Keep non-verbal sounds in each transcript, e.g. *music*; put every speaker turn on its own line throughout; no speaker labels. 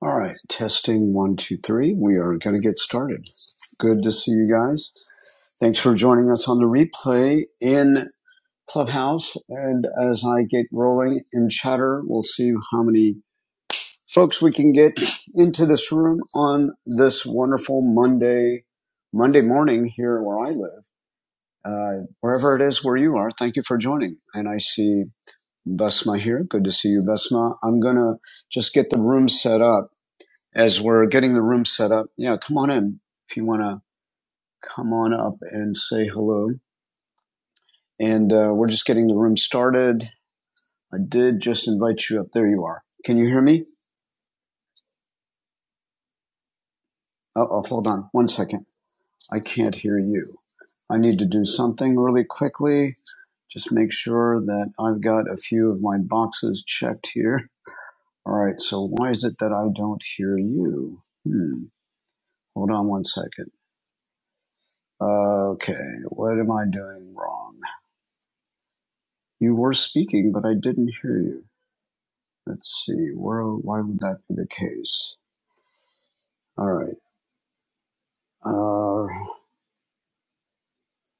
All right, testing one, two, three. We are going to get started. Good to see you guys. Thanks for joining us on the replay in Clubhouse. And as I get rolling in chatter, we'll see how many folks we can get into this room on this wonderful Monday, Monday morning here where I live. Uh, wherever it is where you are, thank you for joining. And I see Besma here. Good to see you, Besma. I'm going to just get the room set up as we're getting the room set up, yeah, come on in if you want to come on up and say hello. And uh, we're just getting the room started. I did just invite you up. There you are. Can you hear me? Uh oh, hold on one second. I can't hear you. I need to do something really quickly. Just make sure that I've got a few of my boxes checked here. All right, so why is it that I don't hear you? Hmm, hold on one second. Uh, Okay, what am I doing wrong? You were speaking, but I didn't hear you. Let's see. Where? Why would that be the case? All right. Uh,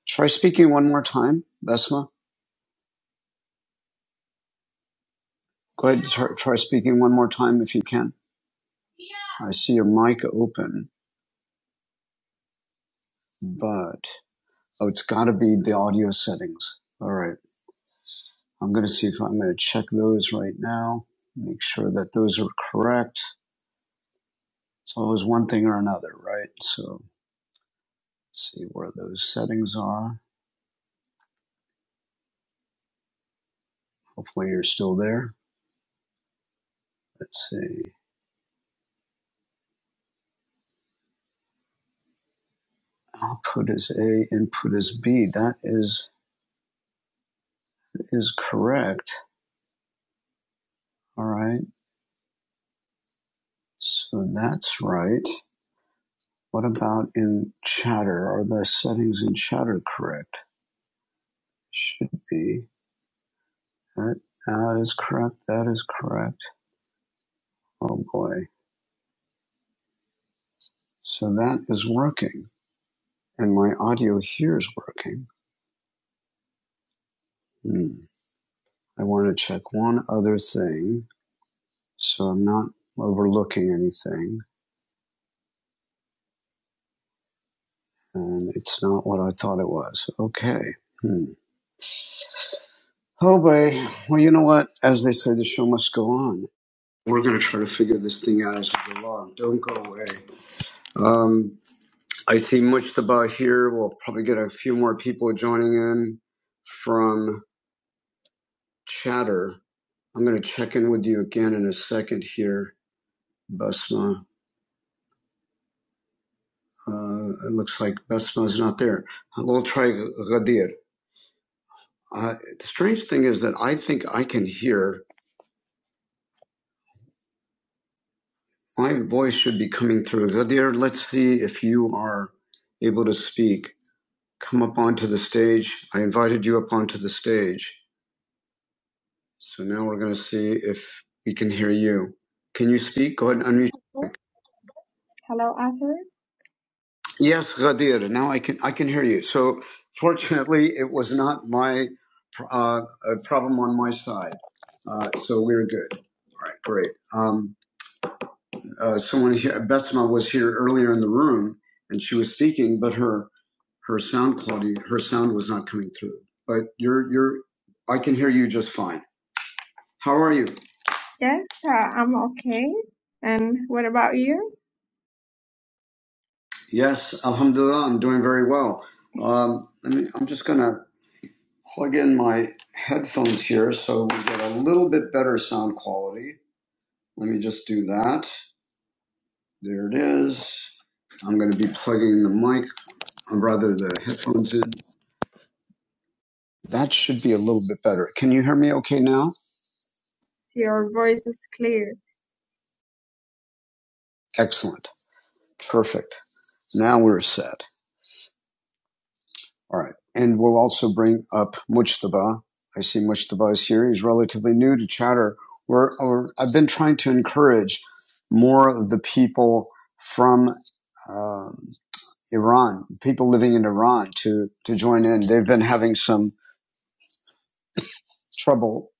try speaking one more time, Besma. Go ahead. and Try, try speaking one more time if you can. I see your mic open, but oh, it's got to be the audio settings. All right. I'm going to see if I'm going to check those right now. Make sure that those are correct. It's always one thing or another, right? So let's see where those settings are. Hopefully you're still there. Let's see. output is A, input is B. That is is correct. All right. So that's right. What about in chatter? Are the settings in chatter correct? Should be. That, that is correct. That is correct. Oh boy. So that is working. And my audio here is working. Hmm. I want to check one other thing so I'm not overlooking anything and it's not what I thought it was. Okay. Hmm. Oh, boy. Well, you know what? As they say, the show must go on. We're going to try to figure this thing out as we go along. Don't go away. Um, I see Mujtaba here. We'll probably get a few more people joining in from Chatter. I'm going to check in with you again in a second here, Basma. Uh, it looks like Basma's not there. We'll try Ghadir. Uh, the strange thing is that I think I can hear My voice should be coming through. Zadir, let's see if you are able to speak. Come up onto the stage. I invited you up onto the stage. So now we're going to see if we can hear you. Can you speak? Go ahead and unmute.
Hello, hello, Arthur.
Yes, Ghadir. Now I can I can hear you. So fortunately, it was not my uh, a problem on my side. Uh, so we're good. All right, great. Um, uh, someone here, Besma was here earlier in the room, and she was speaking, but her her sound quality, her sound was not coming through. But you're, you're, I can hear you just fine. How are you?
Yes, uh, I'm okay. And what about you?
Yes, Alhamdulillah, I'm doing very well. Um, let me, I'm just gonna plug in my headphones here so we get a little bit better sound quality. Let me just do that. There it is. I'm gonna be plugging the mic, or rather the headphones in. That should be a little bit better. Can you hear me okay now?
Your voice is clear.
Excellent. Perfect. Now we're set. All right. And we'll also bring up Mujtaba. I see Mujtaba is here. He's relatively new to Chatter. We're, or I've been trying to encourage more of the people from um, Iran, people living in Iran, to, to join in. They've been having some trouble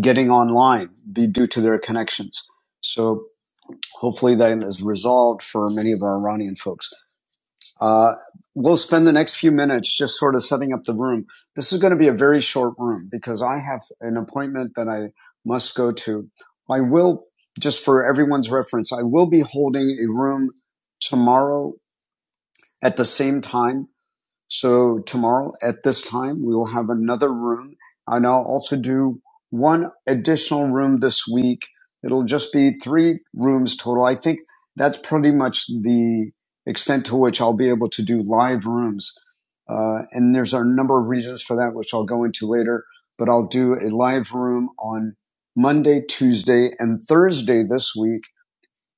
getting online be due to their connections. So hopefully that is resolved for many of our Iranian folks. Uh, we'll spend the next few minutes just sort of setting up the room. This is going to be a very short room because I have an appointment that I must go to. I will, just for everyone's reference, I will be holding a room tomorrow at the same time so tomorrow at this time, we will have another room. And I'll also do one additional room this week. It'll just be three rooms total. I think that's pretty much the extent to which I'll be able to do live rooms. Uh, and there's a number of reasons for that, which I'll go into later, but I'll do a live room on Monday, Tuesday, and Thursday this week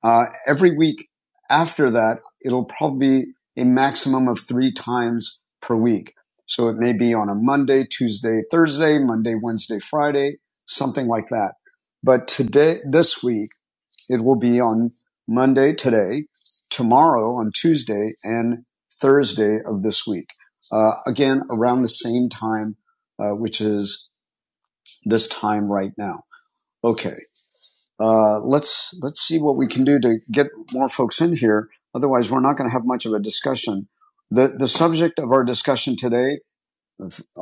uh, every week after that, it'll probably be a maximum of three times per week. So it may be on a Monday, Tuesday, Thursday, Monday, Wednesday, Friday, something like that. But today, this week, it will be on Monday today, tomorrow on Tuesday, and Thursday of this week. Uh, again, around the same time, uh, which is this time right now. Okay uh, let's let's see what we can do to get more folks in here. Otherwise, we're not going to have much of a discussion. the The subject of our discussion today uh,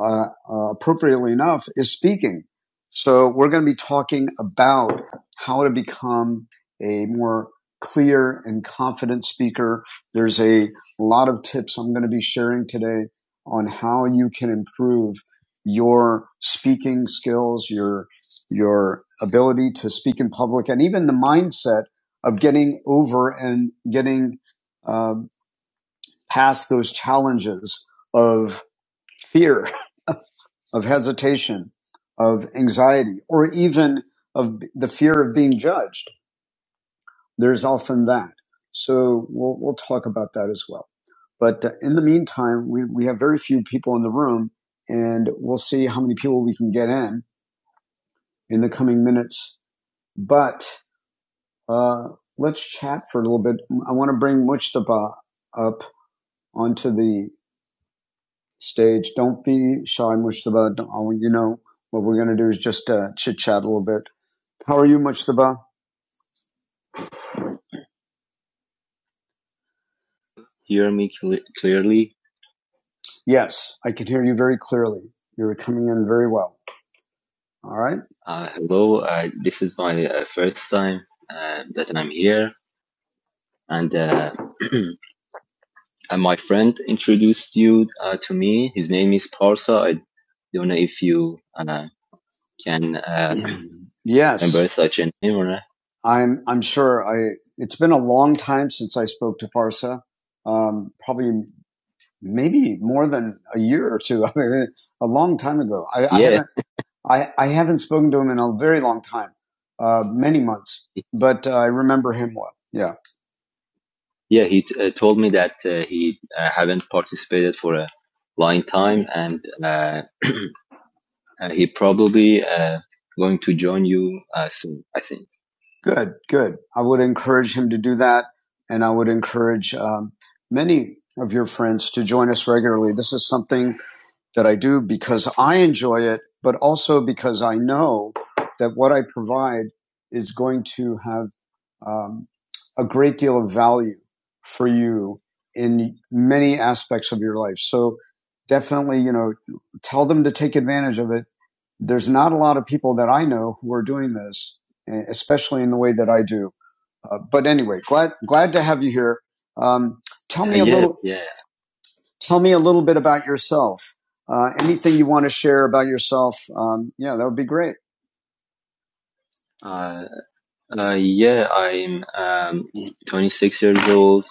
uh, appropriately enough, is speaking. So we're going to be talking about how to become a more clear and confident speaker. There's a lot of tips I'm going to be sharing today on how you can improve your speaking skills, your, your ability to speak in public, and even the mindset of getting over and getting um, uh, past those challenges of fear of hesitation, of anxiety, or even of the fear of being judged. There's often that. So we'll, we'll talk about that as well. But uh, in the meantime, we, we have very few people in the room and we'll see how many people we can get in in the coming minutes. But uh, let's chat for a little bit. I want to bring Mujtaba up onto the stage. Don't be shy, Mujtaba. Don't, you know, what we're going to do is just uh, chit chat a little bit How are you, Mujtaba? Hear me cle clearly. Yes, I can hear you very clearly. You're coming in very well. All right. Uh, hello, uh, this is my uh, first time uh, that I'm here, and, uh, *clears throat* and my friend introduced you uh, to me. His name is Parsa. I don't know if you uh, can uh, *clears throat* yes. remember yes, such a name or not. I'm. I'm sure. I. It's been a long time since I spoke to Parsa. Um, probably. maybe more than a year or two. *laughs* I mean, a long time ago. I, I, Yeah. I, haven't, I, I haven't spoken to him in a very long time, uh, many months, but uh, I remember him well. Yeah. Yeah, he t- uh, told me that uh, he uh, haven't participated for a long time, and uh, uh, *clears throat* he probably uh, going to join you uh, soon. I think. Good, good. I would encourage him to do that. And I would encourage um, many of your friends to join us regularly. This is something that I do because I enjoy it, but also because I know that what I provide is going to have um, a great deal of value for you in many aspects of your life. So definitely, you know, tell them to take advantage of it. There's not a lot of people that I know who are doing this, eh, especially in the way that I do. Uh, but anyway, glad glad to have you here. Um, tell me a yeah, little. Yeah. Tell me a little bit about yourself. Uh, anything you want to share about yourself? Um, yeah, that would be great. Uh, uh, yeah, I'm um, 26 years old.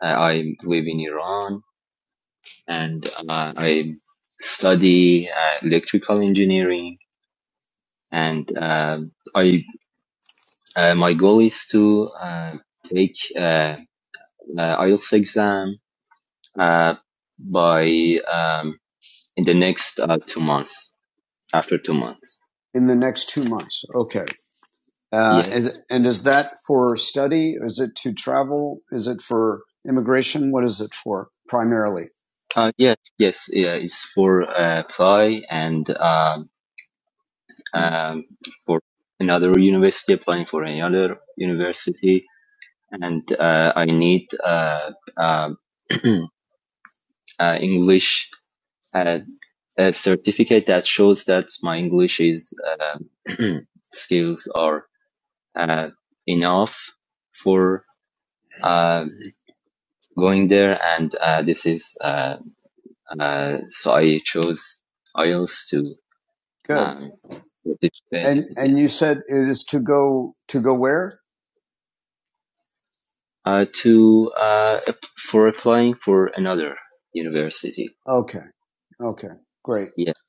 Uh, I live in Iran and uh, I study uh, electrical engineering. And uh, I uh, my goal is to uh, take uh, uh, IELTS exam uh, by um, in the next uh, two months. after two months. in the next two months. Okay. Uh, Yes. is, and is that for study? Is it to travel? Is it for immigration? What is it for primarily? Uh, yes, yes, yeah, it's for uh, apply and um, um, for another university, applying for another university, and uh, I need uh, uh, *clears throat* uh, English uh, a certificate that shows that my English is uh, *clears throat* skills are uh, enough for uh, going there, and uh, this is uh, uh, so I chose IELTS to Good. um, participate And and you said it is to go to go where? uh, to uh, for applying for another university. Okay. Okay. Great. Yeah,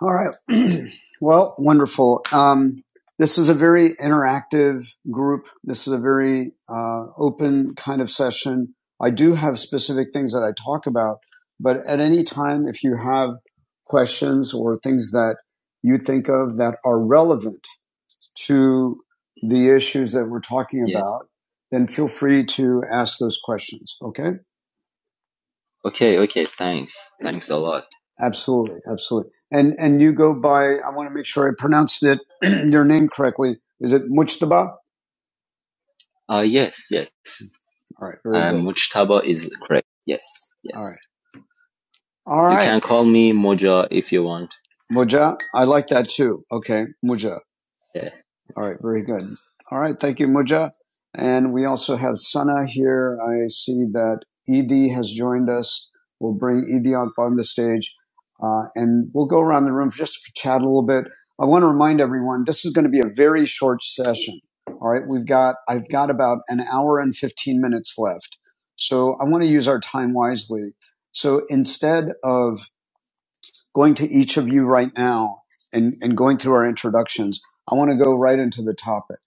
All right. *clears throat* well, wonderful. Um, this is a very interactive group. This is a very uh, open kind of session. I do have specific things that I talk about, but at any time, if you have questions or things that you think of that are relevant to the issues that we're talking Yeah. about, then feel free to ask those questions. Okay. Okay, okay, thanks. Thanks a lot. Absolutely, absolutely. And and you go by. I want to make sure I pronounced it *clears throat* your name correctly. Is it Mujtaba? Uh, yes, yes. All right, very Um, good. Mujtaba is correct. Yes, Yes. All right, All right. You right, can call me Moja if you want. Moja. I like that too. Okay, Moja. Yeah. All right, very good. All right, thank you, Muja. And we also have Sana here. I see that Ed has joined us. We'll bring Ed on on the stage, uh, and we'll go around the room for just to chat a little bit. I want to remind everyone this is going to be a very short session. All right, we've got I've got about an hour and fifteen minutes left, so I want to use our time wisely. So instead of going to each of you right now and, and going through our introductions, I want to go right into the topic.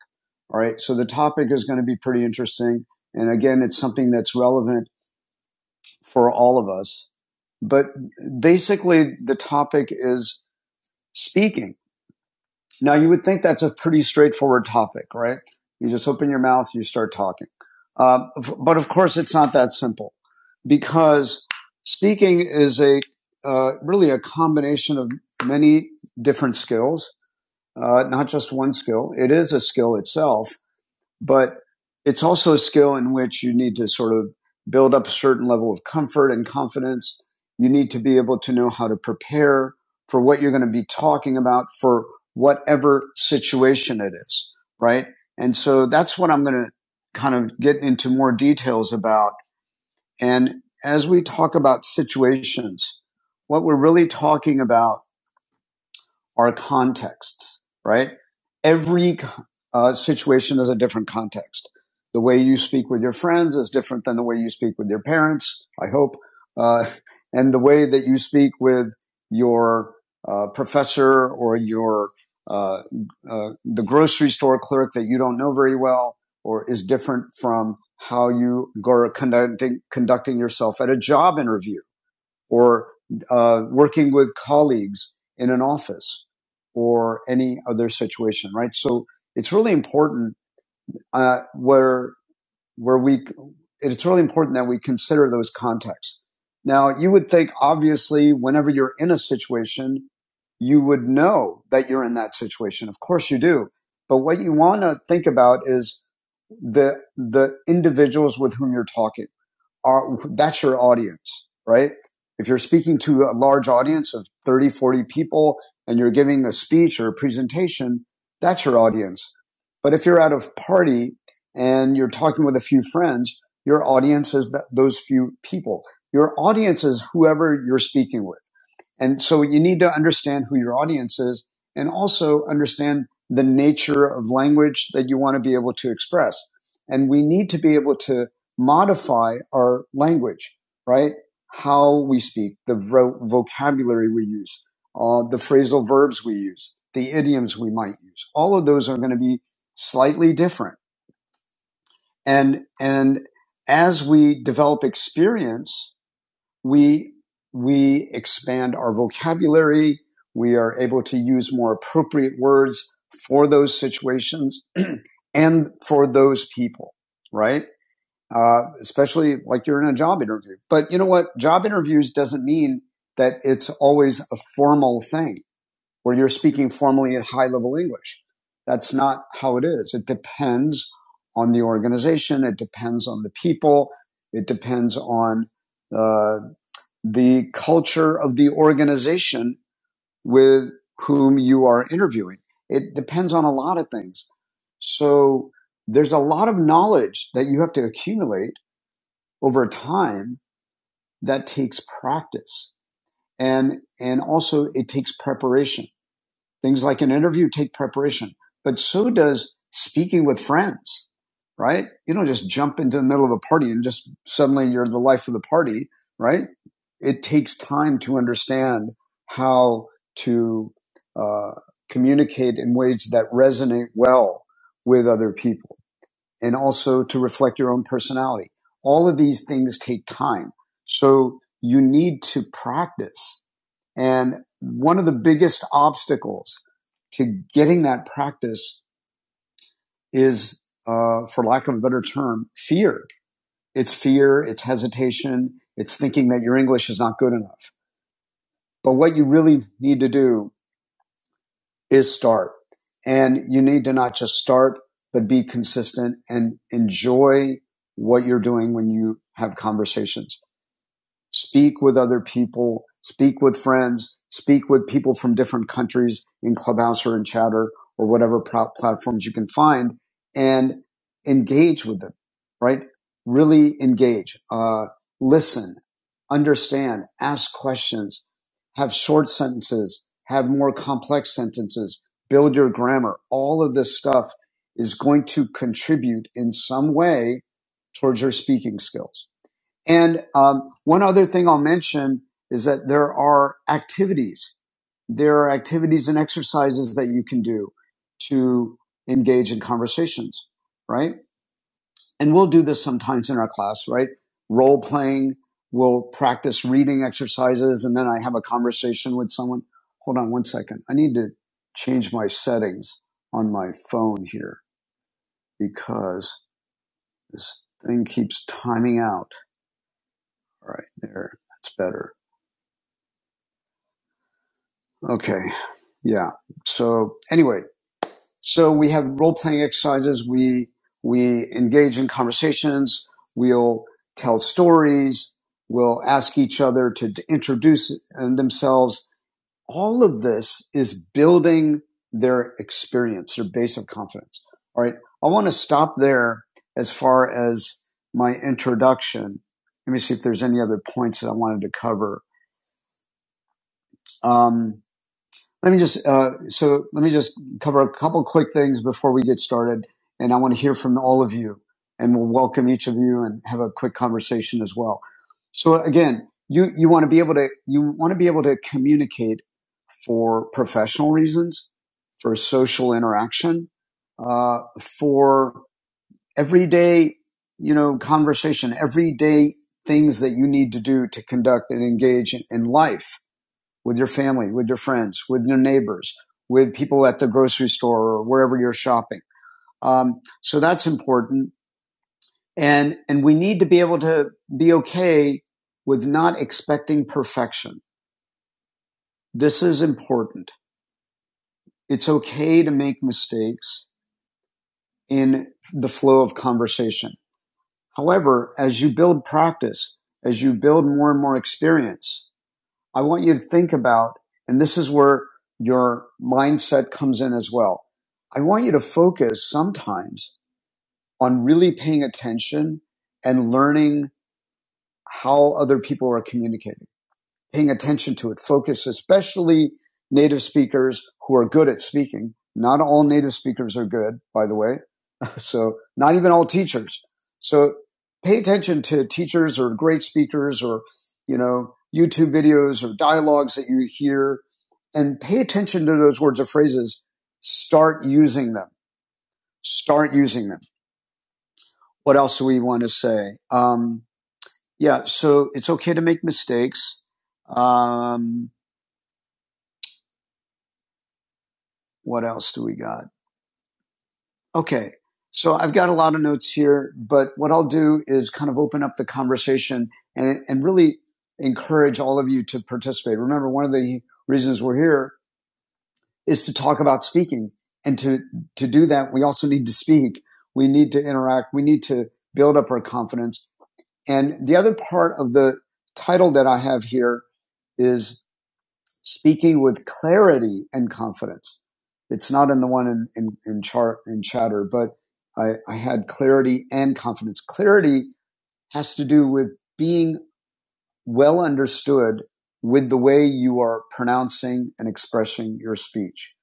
All right. So the topic is going to be pretty interesting. And again, it's something that's relevant for all of us. But basically, the topic is speaking. Now, you would think that's a pretty straightforward topic, right? You just open your mouth, you start talking. Um, but of course, it's not that simple because speaking is a uh, really a combination of many different skills, uh, not just one skill. It is a skill itself, but it's also a skill in which you need to sort of build up a certain level of comfort and confidence. You need to be able to know how to prepare for what you're going to be talking about for whatever situation it is, right? And so that's what I'm going to kind of get into more details about. And as we talk about situations, what we're really talking about are contexts, right? Every uh, situation is a different context. The way you speak with your friends is different than the way you speak with your parents, I hope. Uh, and the way that you speak with your uh, professor or your uh, uh, the grocery store clerk that you don't know very well or is different from how you go conducting, conducting yourself at a job interview or uh, working with colleagues in an office or any other situation, right? So it's really important uh, where where we it's really important that we consider those contexts. Now, you would think obviously whenever you're in a situation, you would know that you're in that situation. Of course you do. But what you want to think about is the the individuals with whom you're talking are, that's your audience, right? If you're speaking to a large audience of 30, 40 people and you're giving a speech or a presentation, that's your audience. But if you're at a party and you're talking with a few friends, your audience is th- those few people. Your audience is whoever you're speaking with and so you need to understand who your audience is and also understand the nature of language that you want to be able to express. And we need to be able to modify our language, right? How we speak, the vo- vocabulary we use, uh, the phrasal verbs we use, the idioms we might use. All of those are going to be slightly different. And, and as we develop experience, we we expand our vocabulary. We are able to use more appropriate words for those situations *clears throat* and for those people, right? Uh, especially like you're in a job interview. But you know what? Job interviews doesn't mean that it's always a formal thing where you're speaking formally in high level English. That's not how it is. It depends on the organization. It depends on the people. It depends on uh, the culture of the organization with whom you are interviewing. It depends on a lot of things. So there's a lot of knowledge that you have to accumulate over time that takes practice. And, and also it takes preparation. Things like an interview take preparation, but so does speaking with friends, right? You don't just jump into the middle of a party and just suddenly you're the life of the party, right? It takes time to understand how to uh, communicate in ways that resonate well with other people and also to reflect your own personality. All of these things take time. So you need to practice and one of the biggest obstacles to getting that practice is, uh, for lack of a better term, fear. It's fear, it's hesitation, it's thinking that your English is not good enough. But what you really need to do is start. And you need to not just start, but be consistent and enjoy what you're doing when you have conversations. speak with other people, speak with friends, speak with people from different countries in Clubhouse or in Chatter or whatever pro- platforms you can find and engage with them, right? Really engage, uh, listen, understand, ask questions, have short sentences, have more complex sentences, build your grammar. All of this stuff is going to contribute in some way towards your speaking skills and um, one other thing I'll mention is that there are activities. There are activities and exercises that you can do to engage in conversations, right? And we'll do this sometimes in our class, right? Role playing. We'll practice reading exercises and then I have a conversation with someone. Hold on one second. I need to change my settings on my phone here because this thing keeps timing out. All right, there. That's better. Okay. Yeah. So anyway, so we have role playing exercises. We we engage in conversations. We'll tell stories. We'll ask each other to introduce uh, themselves. All of this is building their experience, their base of confidence. All right. I want to stop there as far as my introduction. Let me see if there's any other points that I wanted to cover. Um, Let me just uh, so let me just cover a couple quick things before we get started, and I want to hear from all of you, and we'll welcome each of you and have a quick conversation as well. So again, you you want to be able to you want to be able to communicate for professional reasons, for social interaction, uh, for everyday you know conversation, everyday things that you need to do to conduct and engage in in life with your family, with your friends, with your neighbors, with people at the grocery store or wherever you're shopping. Um, so that's important. And, and we need to be able to be okay with not expecting perfection. This is important. It's okay to make mistakes in the flow of conversation. However, as you build practice, as you build more and more experience, I want you to think about, and this is where your mindset comes in as well. I want you to focus sometimes on really paying attention and learning how other people are communicating, paying attention to it. Focus, especially native speakers who are good at speaking. Not all native speakers are good, by the way, so not even all teachers. So pay attention to teachers or great speakers or, you know, YouTube videos or dialogues that you hear and pay attention to those words or phrases. Start using them. Start using them. What else do we want to say? Um, yeah. So it's okay to make mistakes. Um, what else do we got? Okay. So I've got a lot of notes here, but what I'll do is kind of open up the conversation and, and really encourage all of you to participate. Remember, one of the reasons we're here is to talk about speaking. And to, to do that, we also need to speak. We need to interact. We need to build up our confidence. And the other part of the title that I have here is speaking with clarity and confidence. It's not in the one in, in, in chart and chatter, but I, I had clarity and confidence. Clarity has to do with being well understood with the way you are pronouncing and expressing your speech,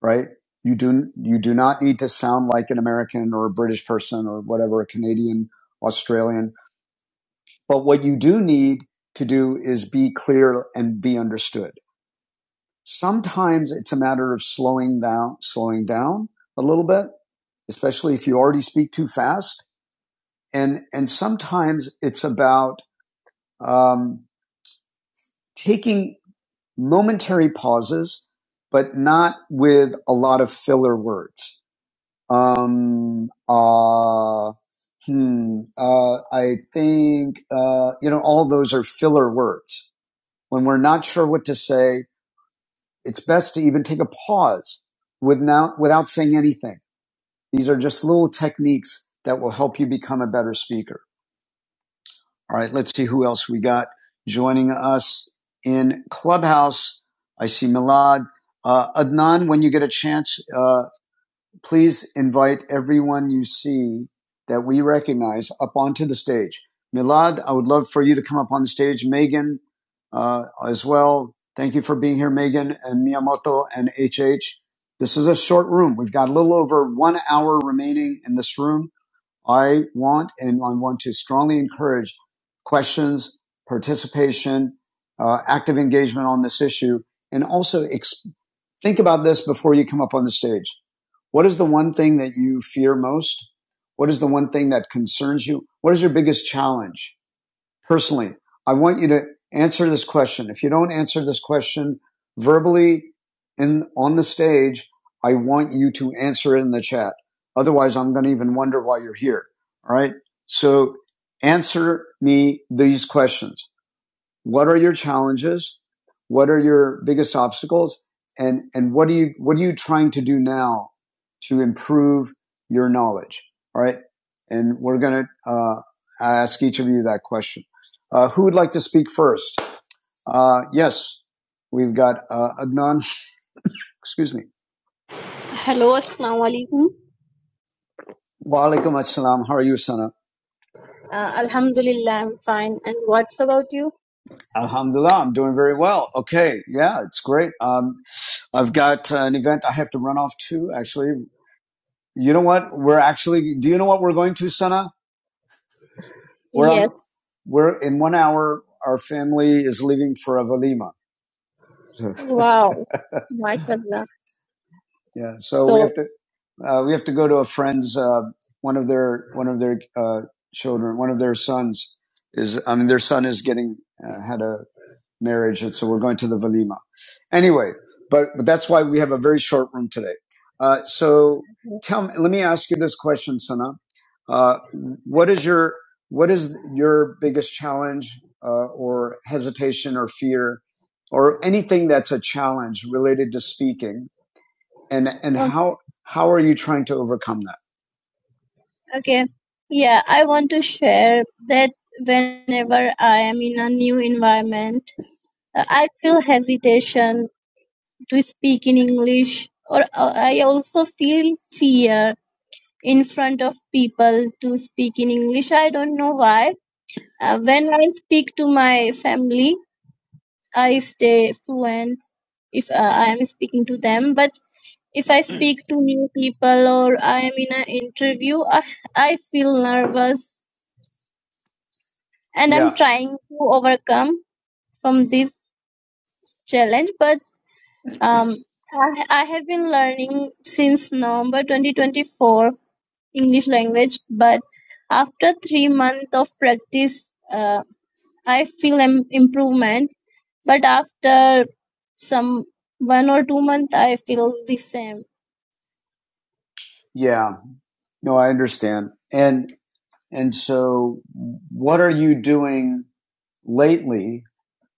right? You do, you do not need to sound like an American or a British person or whatever, a Canadian, Australian. But what you do need to do is be clear and be understood Sometimes it's a matter of slowing down, slowing down a little bit, especially if you already speak too fast. And, and sometimes it's about, um, taking momentary pauses, but not with a lot of filler words. Um, uh, hmm, uh, I think, uh, you know, all those are filler words. When we're not sure what to say, it's best to even take a pause with now, without saying anything These are just little techniques that will help you become a better speaker. All right, let's see who else we got joining us in Clubhouse. I see Milad. Uh, Adnan, when you get a chance, uh, please invite everyone you see that we recognize up onto the stage. Milad, I would love for you to come up on the stage. Megan, uh, as well. Thank you for being here, Megan and Miyamoto and HH. This is a short room. We've got a little over one hour remaining in this room. I want and I want to strongly encourage questions, participation, uh, active engagement on this issue, and also ex- think about this before you come up on the stage. What is the one thing that you fear most? What is the one thing that concerns you? What is your biggest challenge? personally. I want you to answer this question. If you don't answer this question verbally in on the stage, I want you to answer it in the chat. Otherwise, I'm going to even wonder why you're here. All right. So answer me these questions what are your challenges? What are your biggest obstacles? And, and what do you, what are you trying to do now to improve your knowledge? All right. And we're going to, uh, ask each of you that question. Uh, who would like to speak first? Uh, yes, we've got, uh, Adnan. *laughs* Excuse me. Hello, Assalamu Alaikum. Wa alaikum assalam. How are you, Sana? Uh, Alhamdulillah, I'm fine. And what's about you? Alhamdulillah, I'm doing very well. Okay, yeah, it's great. Um, I've got uh, an event I have to run off to. Actually, you know what? We're actually. Do you know what we're going to, Sana? We're on- Yes. On, we're in one hour. Our family is leaving for Avalima. Wow. *laughs* My goodness. Yeah, so so we So, have to uh, we have to go to a friend's uh, one of their one of their uh, children, one of their sons is. I mean, their son is getting uh, had a marriage. And so we're going to the Velima. Anyway, but, but that's why we have a very short room today. Uh, so tell me, let me ask you this question, Sana. Uh, what is your, what is your biggest challenge, uh, or hesitation or fear or anything that's a challenge related to speaking? And, and Okay. how, how are you trying to overcome that? Okay. Yeah, I want to share that whenever I am in a new environment uh, I feel hesitation to speak in English, or uh, I also feel fear in front of people to speak in English. I don't know why. Uh, when I speak to my family, I stay fluent if uh, I am speaking to them. But if I Mm. speak to new people or I am in an interview, I, I feel nervous and I'm Yeah. trying to overcome from this challenge. But Um, I, I have been learning since November 2024 English language, but after three months of practice, uh, I feel an improvement. But after some one or two months, I feel the same. Yeah, no, I understand. And and so, what are you doing lately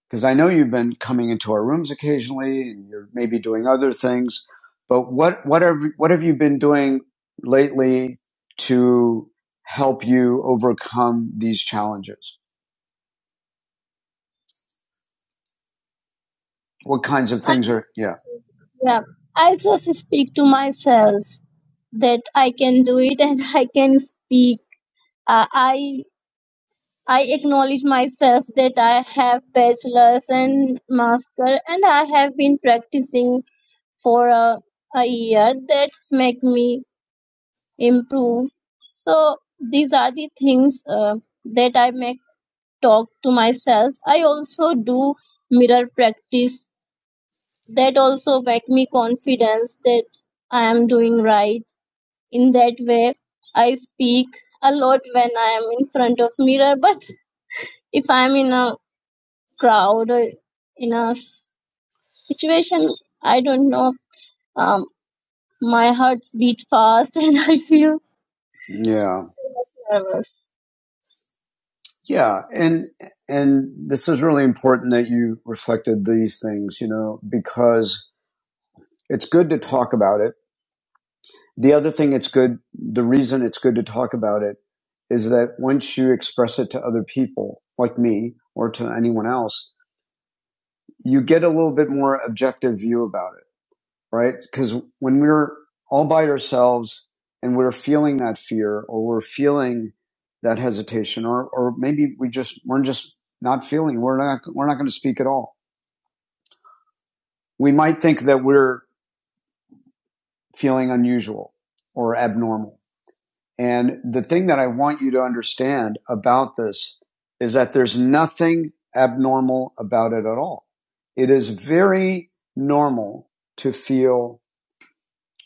Because I know you've been coming into our rooms occasionally, and you're maybe doing other things. But what what are what have you been doing lately to help you overcome these challenges? What kinds of things are yeah? yeah, I just speak to myself that I can do it and *laughs* I can speak. Uh, I I acknowledge myself that I have bachelor's and master and I have been practicing for a, a year that make me improve so these are the things uh, that i make talk to myself i also do mirror practice that also make me confidence that i am doing right in that way i speak a lot when i am in front of mirror but if i am in a crowd or in a s- situation i don't know um, my heart beat fast *laughs* and i feel Yeah. of us. Yeah, and and this is really important that you reflected these things, you know, because it's good to talk about it. The other thing it's good the reason it's good to talk about it is that once you express it to other people like me or to anyone else, you get a little bit more objective view about it right? Because when we're all by ourselves and we're feeling that fear or we're feeling that hesitation or, or maybe we just, we're just not feeling, we're not, we're not going to speak at all. We might think that we're feeling unusual or abnormal. And the thing that I want you to understand about this is that there's nothing abnormal about it at all. It is very normal to feel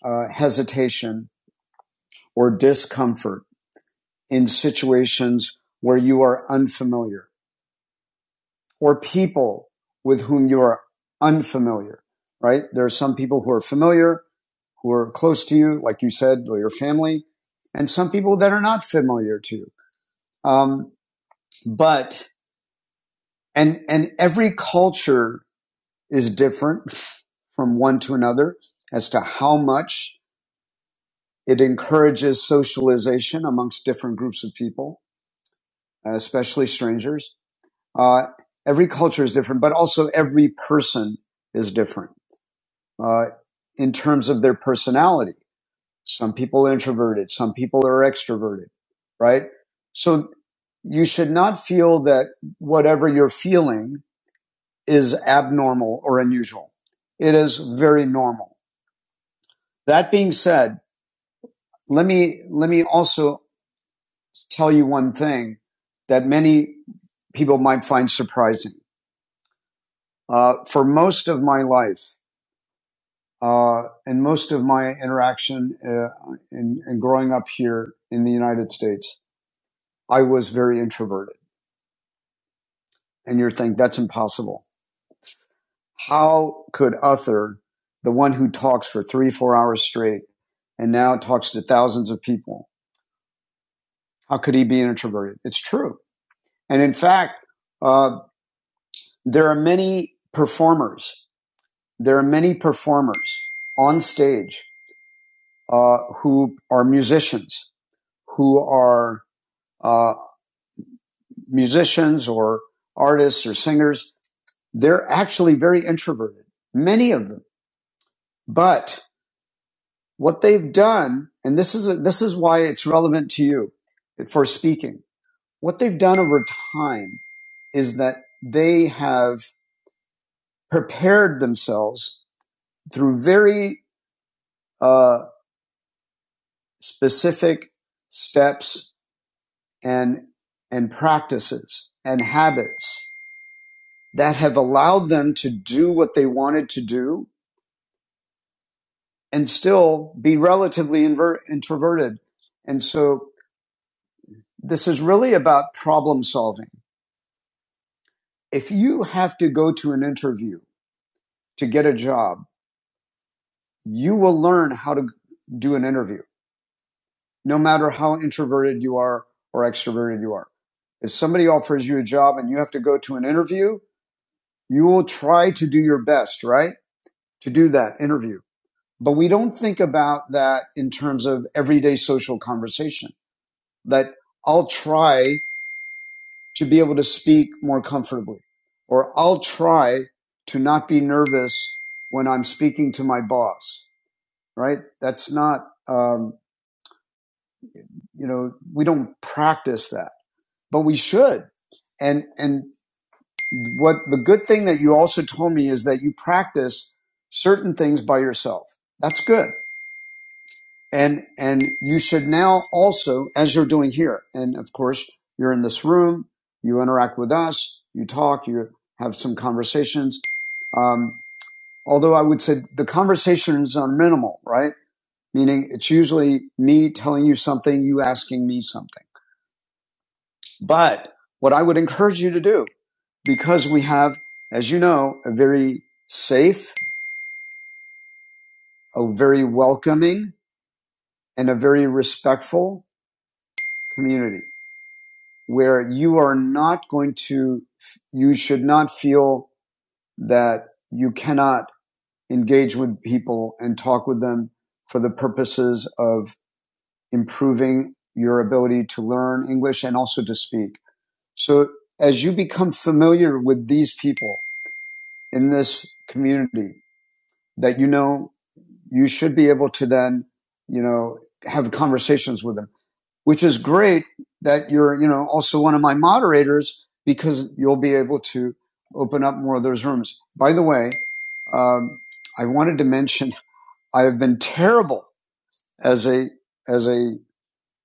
uh, hesitation or discomfort in situations where you are unfamiliar or people with whom you are unfamiliar, right? There are some people who are familiar, who are close to you, like you said, or your family, and some people that are not familiar to you. Um, but, and, and every culture is different from one to another as to how much it encourages socialization amongst different groups of people, especially strangers Uh, every culture is different, but also every person is different uh, in terms of their personality. Some people are introverted, some people are extroverted, right? So you should not feel that whatever you're feeling is abnormal or unusual. It is very normal. That being said, let me, let me also tell you one thing that many people might find surprising. Uh, for most of my life, Uh, And most of my interaction uh, in, in growing up here in the United States, I was very introverted. And you're thinking, that's impossible. How could Uther, the one who talks for three, four hours straight, and now talks to thousands of people, how could he be introverted? It's true. And in fact, uh, there are many performers. There are many performers on stage uh, who are musicians, who are uh, musicians or artists or singers, they're actually very introverted, many of them. But what they've done, and this is, a, this is why it's relevant to you for speaking, what they've done over time is that they have prepared themselves through very uh, specific steps and and practices and habits that have allowed them to do what they wanted to do and still be relatively inver- introverted. And so this is really about problem solving. If you have to go to an interview to get a job, you will learn how to do an interview, no matter how introverted you are or extroverted you are. If somebody offers you a job and you have to go to an interview, you will try to do your best, right? To do that interview. But we don't think about that in terms of everyday social conversation that I'll try to be able to speak more comfortably. Or I'll try to not be nervous when I'm speaking to my boss, right? That's not, um, you know, we don't practice that, but we should. And, and what the good thing that you also told me is that you practice certain things by yourself. That's good. And, and you should now also, as you're doing here, and of course, you're in this room, you interact with us, you talk, you have some conversations. Um, although I would say the conversations are minimal, right? Meaning it's usually me telling you something, you asking me something. But what I would encourage you to do, because we have, as you know, a very safe, a very welcoming, and a very respectful community where you are not going to, you should not feel that you cannot engage with people and talk with them for the purposes of improving your ability to learn English and also to speak. So as you become familiar with these people in this community that you know, you should be able to then, you know, have conversations with them. which is great that you're, you know, also one of my moderators because you'll be able to open up more of those rooms. By the way, um, I wanted to mention I have been terrible as a as a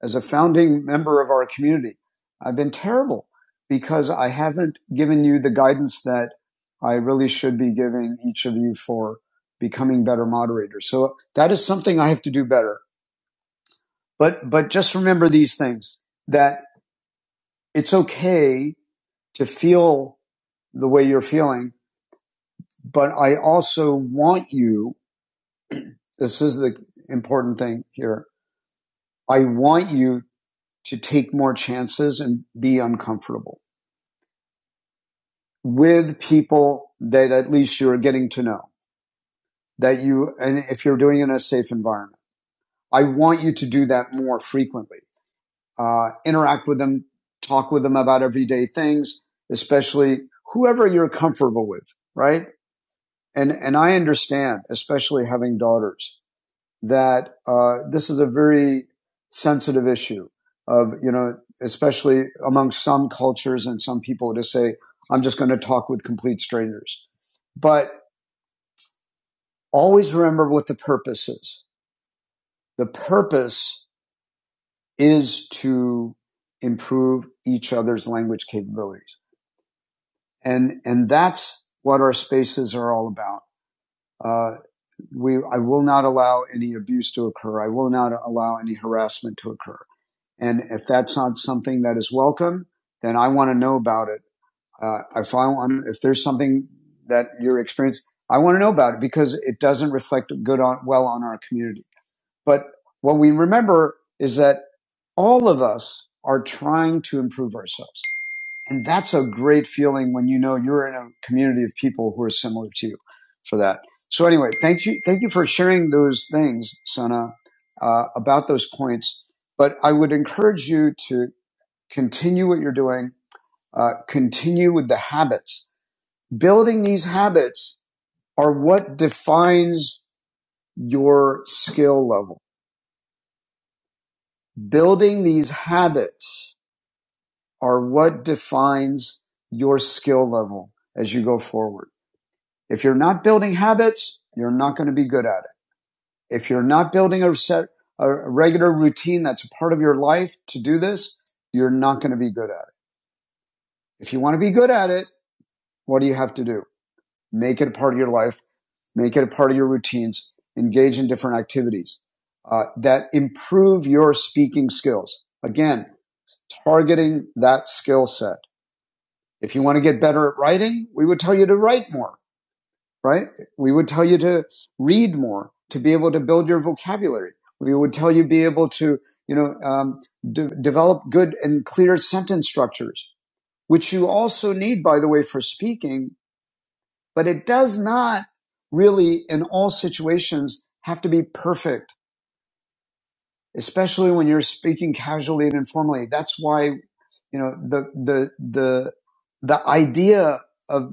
as a founding member of our community. I've been terrible because I haven't given you the guidance that I really should be giving each of you for becoming better moderators. So that is something I have to do better. But but just remember these things that it's okay to feel the way you're feeling, but I also want you, this is the important thing here. I want you to take more chances and be uncomfortable with people that at least you're getting to know that you, and if you're doing it in a safe environment, I want you to do that more frequently. Uh, interact with them, talk with them about everyday things, especially whoever you're comfortable with, right? and and I understand, especially having daughters, that uh, this is a very sensitive issue of you know, especially among some cultures and some people to say, I'm just going to talk with complete strangers. But always remember what the purpose is. The purpose is to improve each other's language capabilities, and and that's what our spaces are all about. Uh, we I will not allow any abuse to occur. I will not allow any harassment to occur. And if that's not something that is welcome, then I want to know about it. Uh, if I want, if there's something that you're experiencing, I want to know about it because it doesn't reflect good on well on our community. But what we remember is that all of us are trying to improve ourselves and that's a great feeling when you know you're in a community of people who are similar to you for that. So anyway, thank you. Thank you for sharing those things, Sana, uh, about those points. But I would encourage you to continue what you're doing, uh, continue with the habits. Building these habits are what defines your skill level. Building these habits are what defines your skill level as you go forward. If you're not building habits, you're not going to be good at it. If you're not building a set, a regular routine that's a part of your life to do this, you're not going to be good at it. If you want to be good at it, what do you have to do? Make it a part of your life, make it a part of your routines, engage in different activities uh, that improve your speaking skills. Again, targeting that skill set. If you want to get better at writing, we would tell you to write more right? We would tell you to read more, to be able to build your vocabulary. We would tell you be able to, you know, um, de- develop good and clear sentence structures, which you also need, by the way, for speaking. But it does not really, in all situations, have to be perfect, especially when you're speaking casually and informally. That's why, you know, the the the the idea of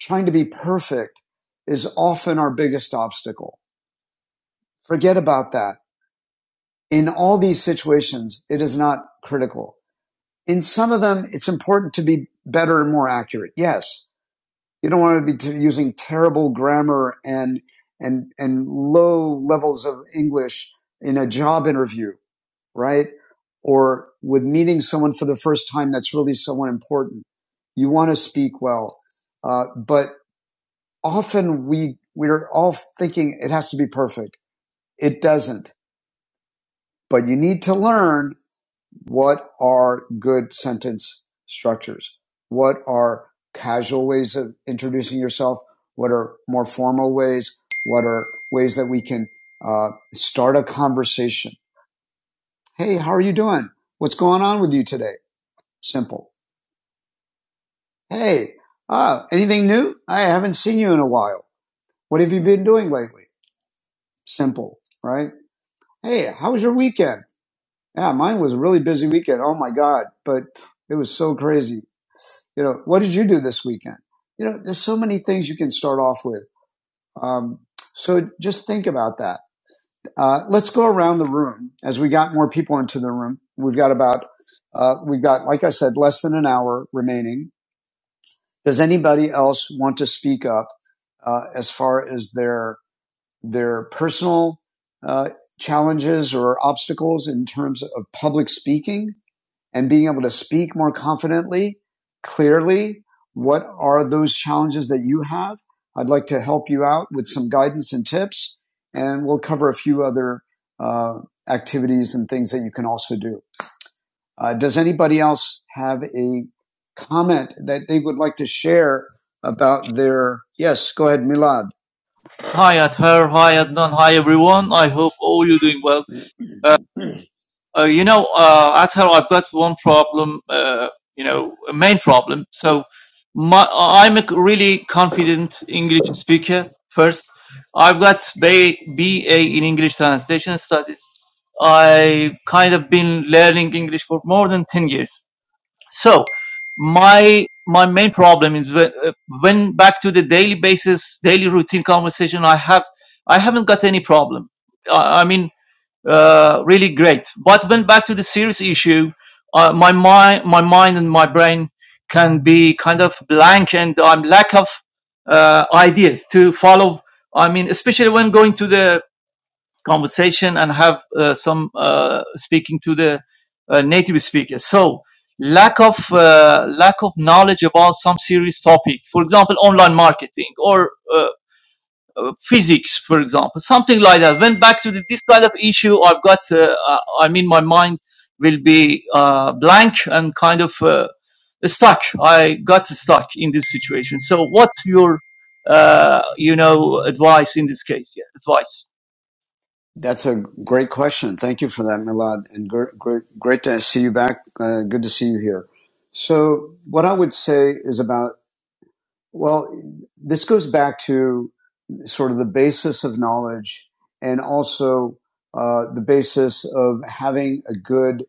trying to be perfect is often our biggest obstacle Forget about that. In all these situations, it is not critical. In some of them, it's important to be better and more accurate. Yes. You don't want to be t- using terrible grammar and, and, and low levels of English in a job interview, right? Or with meeting someone for the first time that's really someone important. You want to speak well. Uh, but often we, we're all thinking it has to be perfect. It doesn't, but you need to learn what are good sentence structures? What are casual ways of introducing yourself? What are more formal ways? What are ways that we can uh, start a conversation? Hey, how are you doing? What's going on with you today? Simple. Hey, ah, anything new? I haven't seen you in a while. What have you been doing lately? Simple, right? Hey, how was your weekend? Yeah, mine was a really busy weekend. Oh my God, but it was so crazy. You know, what did you do this weekend? You know, there's so many things you can start off with. Um, so just think about that. Uh, let's go around the room as we got more people into the room. We've got about, uh, we've got, like I said, less than an hour remaining. Does anybody else want to speak up uh, as far as their their personal uh, challenges or obstacles in terms of public speaking? and being able to speak more confidently, clearly. What are those challenges that you have? I'd like to help you out with some guidance and tips, and we'll cover a few other uh, activities and things that you can also do. Uh, does anybody else have a comment that they would like to share about their? Yes, go ahead, Milad.
Hi, Ather. Hi, Adnan. Hi, everyone. I hope all you're doing well. Uh, uh, you know, uh, Ather, I've got one problem, uh, you know, a main problem. So my, I'm a really confident English speaker first. I've got ba- BA in English Translation Studies. I kind of been learning English for more than 10 years so my my main problem is when, uh, when back to the daily basis daily routine conversation i have i haven't got any problem i, I mean uh, really great but when back to the serious issue uh, my mind my mind and my brain can be kind of blank and i'm lack of uh, ideas to follow i mean especially when going to the conversation and have uh, some uh, speaking to the uh, native speaker. So lack of uh, lack of knowledge about some serious topic, for example, online marketing or uh, uh, physics, for example, something like that. When back to the, this kind of issue, I've got. Uh, I I mean, my mind will be uh, blank and kind of. Uh, stuck i got stuck in this situation so what's your uh you know advice in this case yeah advice
That's a great question. Thank you for that, Milad, and gr- great, great to see you back. Uh, good to see you here. So, what I would say is about well, this goes back to sort of the basis of knowledge, and also uh, the basis of having a good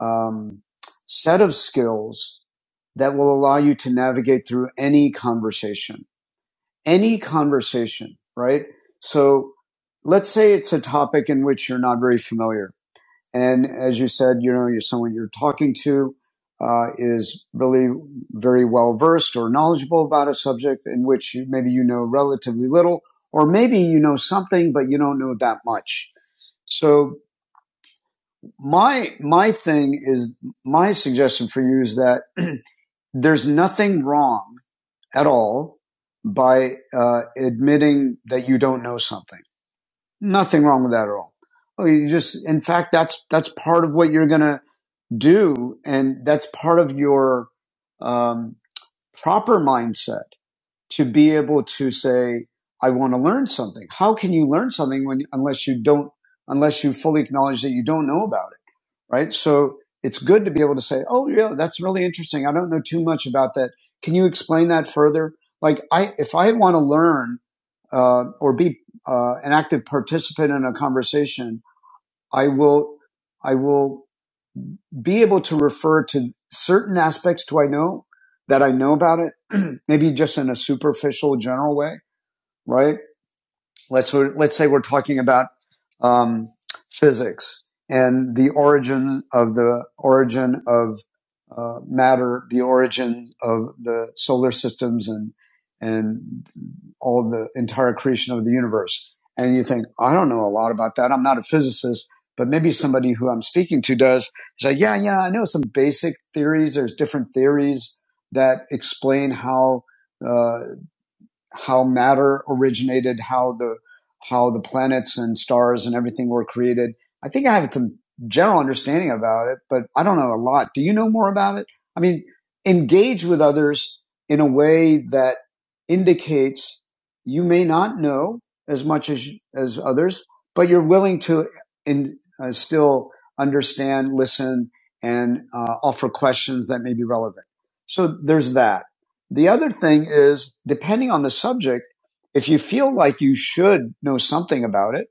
um, set of skills that will allow you to navigate through any conversation, any conversation, right? So, let's say it's a topic in which you're not very familiar and as you said, you know, you're someone you're talking to uh, is really very well versed or knowledgeable about a subject in which you, maybe you know relatively little, or maybe you know something but you don't know that much. So my my thing is my suggestion for you is that *clears throat* there's nothing wrong at all by uh, admitting that you don't know something. Nothing wrong with that at all. Oh, You just, in fact, that's that's part of what you're gonna do. And that's part of your um, proper mindset to be able to say, I want to learn something. How can you learn something when, unless you don't, unless you fully acknowledge that you don't know about it, right? So it's good to be able to say, Oh, yeah, that's really interesting. I don't know too much about that. Can you explain that further? Like I, if I want to learn, uh, or be, uh, an active participant in a conversation, I will, I will be able to refer to certain aspects to I know that I know about it, *clears throat* maybe just in a superficial general way, right? Let's let's say we're talking about um, physics and the origin of the origin of uh, matter, the origin of the solar systems, and and all the entire creation of the universe. And you think, I don't know a lot about that. I'm not a physicist, but maybe somebody who I'm speaking to does. It's like, yeah, yeah, I know some basic theories. There's different theories that explain how uh, how matter originated, how the how the planets and stars and everything were created. I think I have some general understanding about it, but I don't know a lot. Do you know more about it? I mean, engage with others in a way that indicates you may not know as much as as others, but you're willing to in, uh, still understand, listen, and uh, offer questions that may be relevant. So there's that the other thing is, depending on the subject, if you feel like you should know something about it,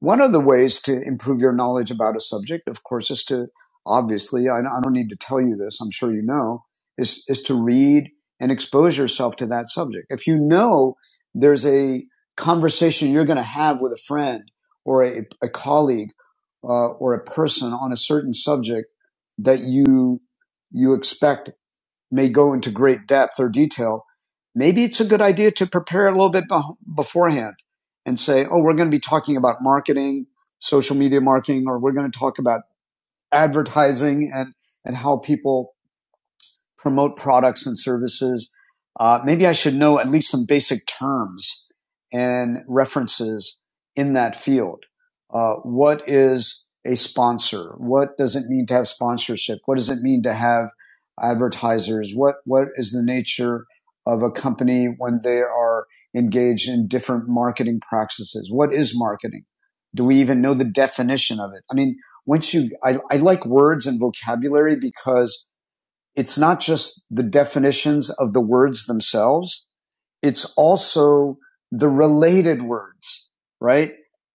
one of the ways to improve your knowledge about a subject, of course, is to obviously, I don't need to tell you this, I'm sure you know, is, is to read and expose yourself to that subject. If you know there's a conversation you're going to have with a friend or a, a colleague uh, or a person on a certain subject that you you expect may go into great depth or detail, maybe it's a good idea to prepare a little bit beforehand and say, oh, we're going to be talking about marketing, social media marketing, or we're going to talk about advertising and, and how people promote products and services. Uh, maybe I should know at least some basic terms and references in that field. Uh, what is a sponsor? What does it mean to have sponsorship? What does it mean to have advertisers? What what is the nature of a company when they are engaged in different marketing practices? What is marketing? Do we even know the definition of it? I mean, once you, I, I like words and vocabulary because it's not just the definitions of the words themselves, it's also the related words, right?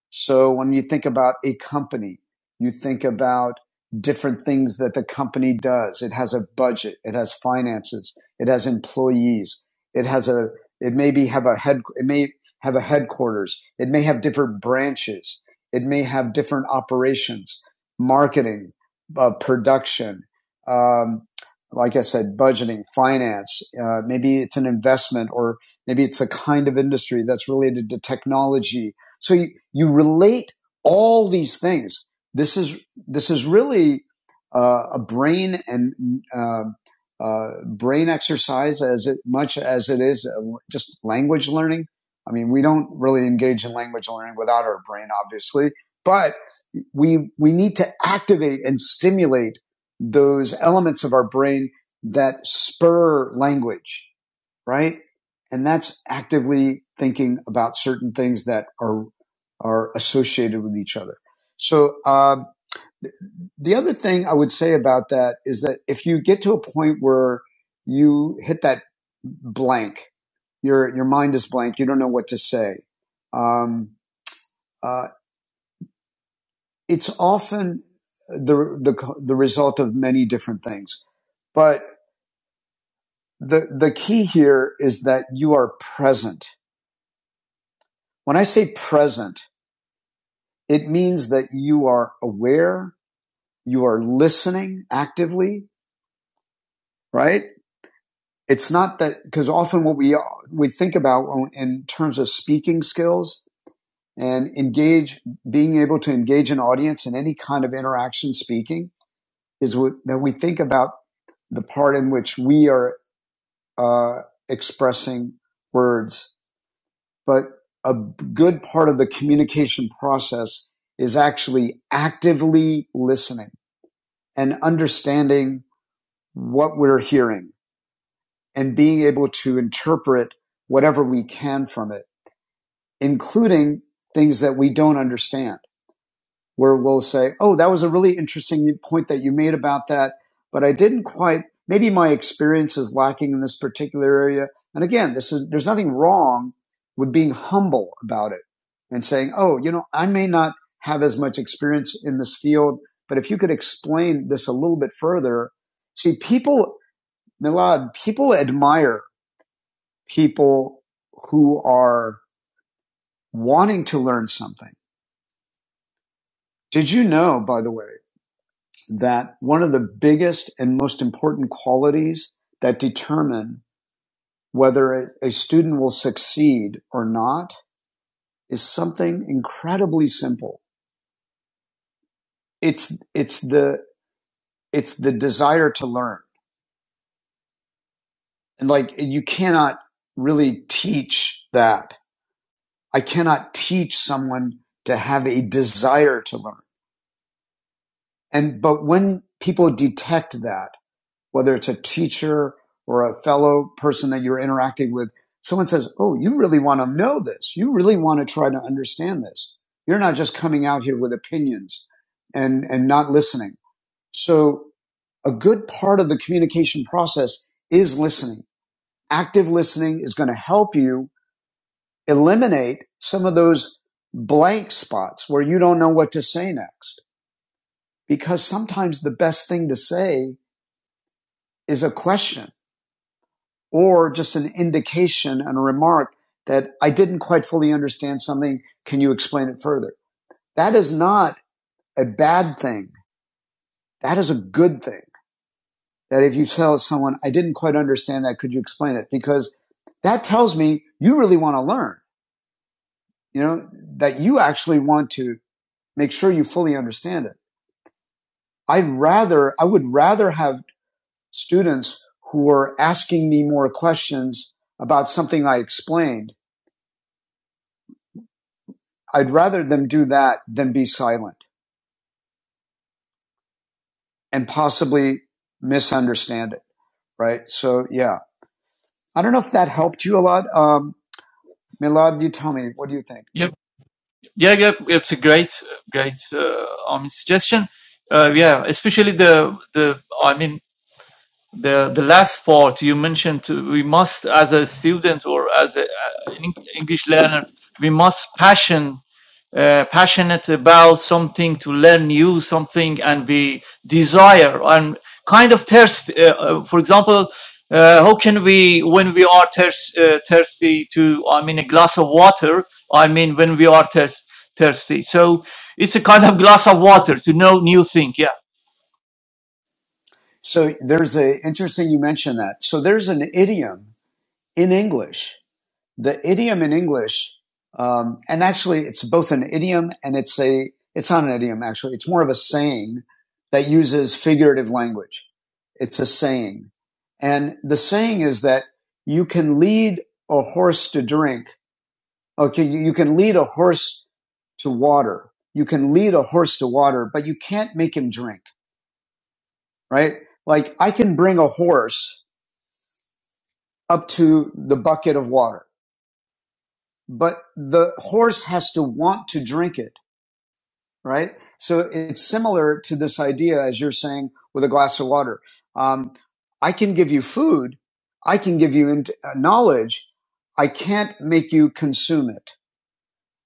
So when you think about a company, you think about different things that the company does. It has a budget. It has finances. It has employees. It has a, it maybe have a head, it may have a headquarters. It may have different branches. It may have different operations, marketing, uh, production, um, like I said, budgeting, finance. Uh, maybe it's an investment or Maybe it's a kind of industry that's related to technology. So you, you relate all these things. This is, this is really uh, a brain and uh, uh, brain exercise as it, much as it is uh, just language learning. I mean, we don't really engage in language learning without our brain, obviously, but we, we need to activate and stimulate those elements of our brain that spur language right? And that's actively thinking about certain things that are are associated with each other. So uh, the other thing I would say about that is that if you get to a point where you hit that blank, your your mind is blank, you don't know what to say. Um, uh, it's often the, the the result of many different things, but the the key here is that you are present. When I say present It means that you are aware, you are listening actively, right? It's not that because often what we we think about in terms of speaking skills and engage being able to engage an audience in any kind of interaction speaking is what, that we think about the part in which we are uh, expressing words but a good part of the communication process is actually actively listening and understanding what we're hearing and being able to interpret whatever we can from it, including things that we don't understand, where we'll say, Oh, that was a really interesting point that you made about that, but I didn't quite, maybe my experience is lacking in this particular area. And again, this is, there's nothing wrong with being humble about it and saying, Oh, you know, I may not have as much experience in this field, but if you could explain this a little bit further, see, people Milad, people admire people who are wanting to learn something. Did you know, by the way, that one of the biggest and most important qualities that determine whether a student will succeed or not is something incredibly simple. It's, it's the, it's the desire to learn. And like, you cannot really teach that. I cannot teach someone to have a desire to learn. And but when people detect that, whether it's a teacher or a fellow person that you're interacting with, someone says, "Oh, you really want to know this. You really want to try to understand this. You're not just coming out here with opinions and and not listening." So, a good part of the communication process is listening. Active listening is going to help you eliminate some of those blank spots where you don't know what to say next because sometimes the best thing to say is a question or just an indication and a remark that I didn't quite fully understand something. Can you explain it further? That is not a bad thing. That is a good thing. That if you tell someone, I didn't quite understand that, could you explain it? Because that tells me you really want to learn, you know, that you actually want to make sure you fully understand it. I'd rather, I would rather have students who are asking me more questions about something I explained I'd rather them do that than be silent and possibly misunderstand it. Right. So yeah, I don't know if that helped you a lot. Um, Milad, you tell me, what do you think?
Yep. Yeah, yeah, it's a great, great uh, I mean, suggestion. Uh, yeah, especially the the I mean, the the last part you mentioned uh, we must as a student or as uh, an english learner we must passion uh, passionate about something to learn new something and we desire and kind of thirst uh, uh, for example uh, how can we when we are thirst, uh, thirsty to i mean a glass of water i mean when we are thirst, thirsty so it's a kind of glass of water to know new thing yeah
So there's a interesting, you mentioned that. So there's an idiom in English the idiom in English, um, and actually it's both an idiom and it's a, it's not an idiom actually. It's more of a saying that uses figurative language. It's a saying. And the saying is that you can lead a horse to drink. Okay. You you can lead a horse to water. You can lead a horse to water, but you can't make him drink, right? Like I can bring a horse up to the bucket of water, but the horse has to want to drink it right? So it's similar to this idea, as you're saying, with a glass of water. Um, I can give you food, I can give you uh, knowledge. I can't make you consume it.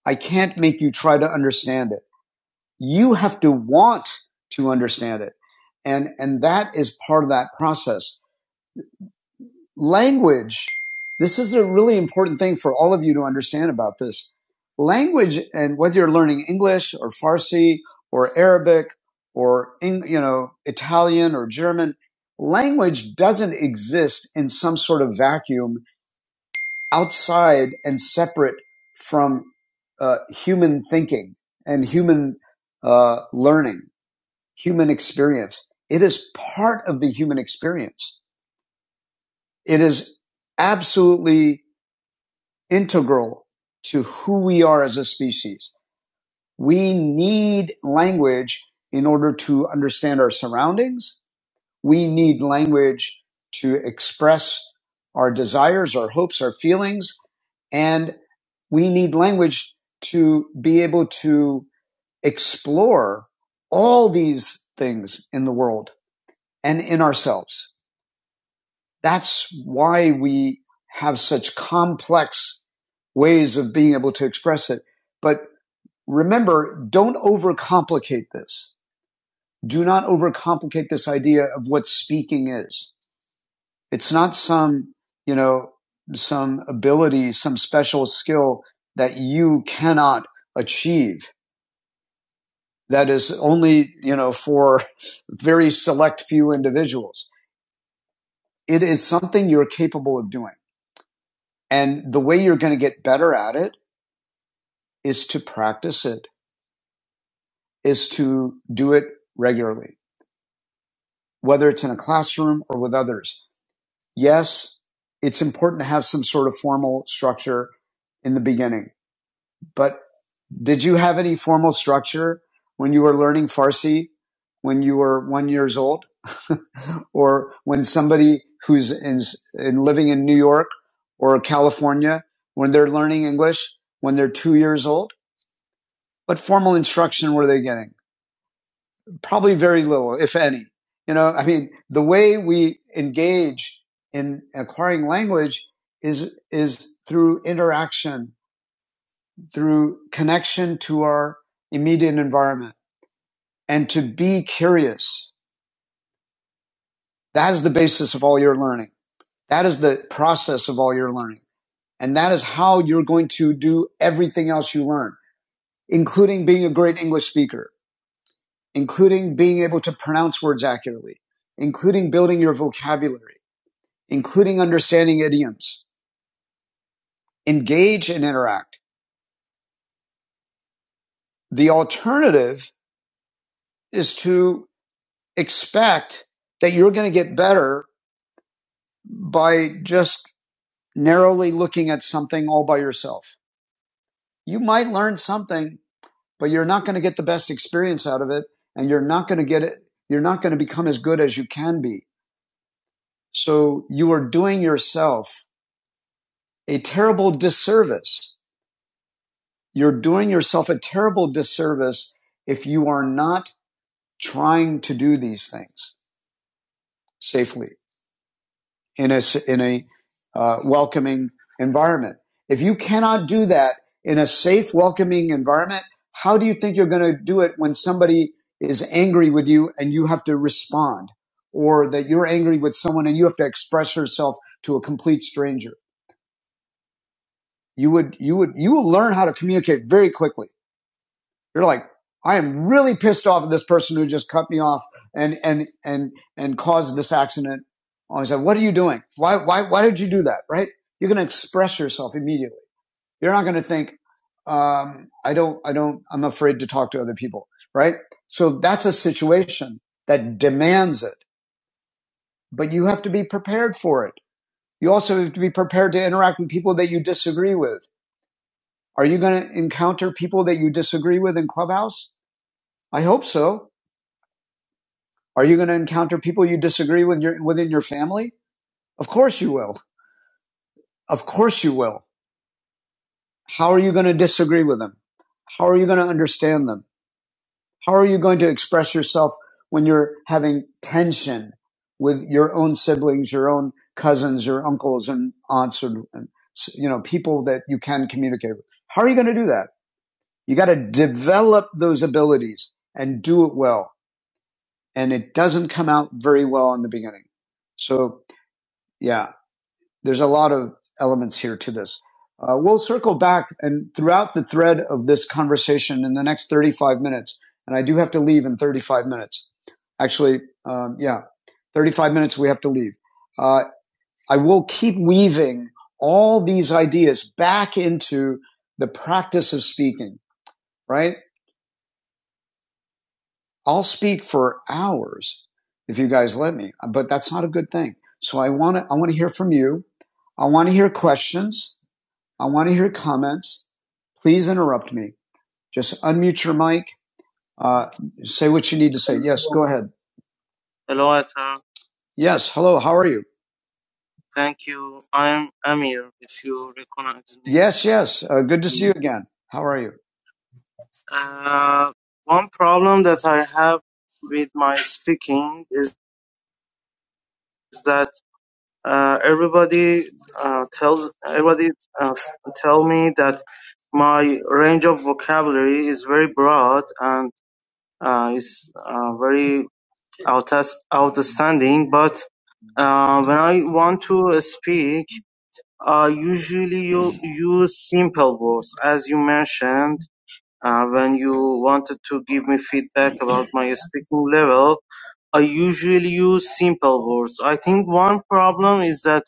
I can't make you try to understand it. You have to want to understand it, and and that is part of that process language this is a really important thing for all of you to understand about this language and whether you're learning english or farsi or arabic or you know italian or german language doesn't exist in some sort of vacuum outside and separate from uh, human thinking and human uh, learning human experience it is part of the human experience it is absolutely integral to who we are as a species. We need language in order to understand our surroundings. We need language to express our desires, our hopes, our feelings, and we need language to be able to explore all these things in the world and in ourselves that's why we have such complex ways of being able to express it. But remember, don't overcomplicate this. Do not overcomplicate this idea of what speaking is. It's not some, you know, some ability, some special skill that you cannot achieve that is only, you know, for *laughs* very select few individuals. It is something you're capable of doing. And the way you're going to get better at it is to practice it, is to do it regularly, whether it's in a classroom or with others. Yes, it's important to have some sort of formal structure in the beginning, but did you have any formal structure when you were learning Farsi when you were one years old? *laughs* or when somebody who's in, in living in New York or California, when they're learning English, when they're two years old, what formal instruction were they getting? Probably very little, if any. You know, I mean, the way we engage in acquiring language is, is through interaction, through connection to our immediate environment and to be curious. That is the basis of all your learning. That is the process of all your learning. And that is how you're going to do everything else you learn, including being a great English speaker, including being able to pronounce words accurately, including building your vocabulary, including understanding idioms. Engage and interact. The alternative is to expect that you're going to get better by just narrowly looking at something all by yourself. You might learn something, but you're not going to get the best experience out of it and you're not going to get it. You're not going to become as good as you can be. So you are doing yourself a terrible disservice. You're doing yourself a terrible disservice if you are not trying to do these things safely in a, in a uh, welcoming environment. If you cannot do that in a safe, welcoming environment, how do you think you're going to do it when somebody is angry with you and you have to respond or that you're angry with someone and you have to express yourself to a complete stranger? You would, you would, you will learn how to communicate very quickly You're like, I am really pissed off at this person who just cut me off and and and and caused this accident. I said, what are you doing? Why why why did you do that? Right? You're going to express yourself immediately. You're not going to think, um, I don't I don't I'm afraid to talk to other people. Right? So that's a situation that demands it, but you have to be prepared for it. You also have to be prepared to interact with people that you disagree with. Are you going to encounter people that you disagree with in Clubhouse? I hope so. Are you going to encounter people you disagree with your, within your family? Of course you will. Of course you will. How are you going to disagree with them? How are you going to understand them? How are you going to express yourself when you're having tension with your own siblings, your own cousins, your uncles and aunts and, and you know, people that you can communicate with? How are you going to do that? You got to develop those abilities and do it well. And it doesn't come out very well in the beginning. So yeah, there's a lot of elements here to this. Uh, we'll circle back and throughout the thread of this conversation in the next 35 minutes. And I do have to leave in 35 minutes. Actually, um, yeah, 35 minutes we have to leave. Uh, I will keep weaving all these ideas back into the practice of speaking, right? I'll speak for hours if you guys let me, but that's not a good thing. So I want to, I want to hear from you. I want to hear questions. I want to hear comments. Please interrupt me. Just unmute your mic. Uh, say what you need to say. Yes, go ahead. Hello, Atham. Yes, hello. How are you? Thank you. I'm Amir, if you recognize me. Yes, yes. Uh, good to see you Mm. again. How are you? Uh, one problem that I have with my speaking is, that uh, everybody uh, tells everybody uh, tell me that my range of vocabulary is very broad and. uh, is uh, very outas outstanding. But uh, when I want to speak, I usually you use simple words, as you mentioned. Uh, when you wanted to give me feedback about my speaking level, I usually use simple words. I think one problem is that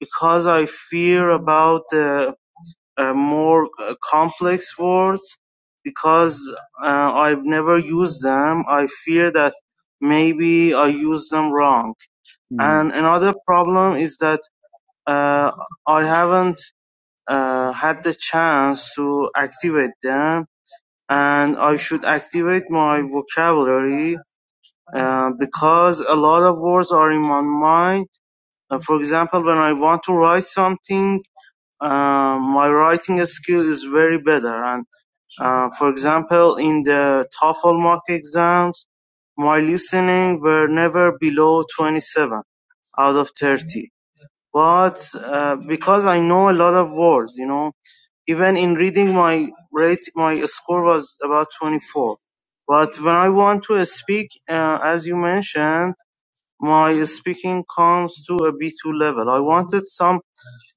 because I fear about the uh, more uh, complex words because uh, I've never used them. I fear that maybe I use them wrong. Mm. And another problem is that uh, I haven't uh, had the chance to activate them. And I should activate my vocabulary uh, because a lot of words are in my mind. Uh, for example, when I want to write something, uh, my writing skill is very better, and uh, For example, in the TOEFL mock exams, my listening were never below 27 out of 30. But uh, because I know a lot of words, you know, even in reading, my rate, my score was about 24. But when I want to speak, uh, as you mentioned, my speaking comes to a B2 level. I wanted some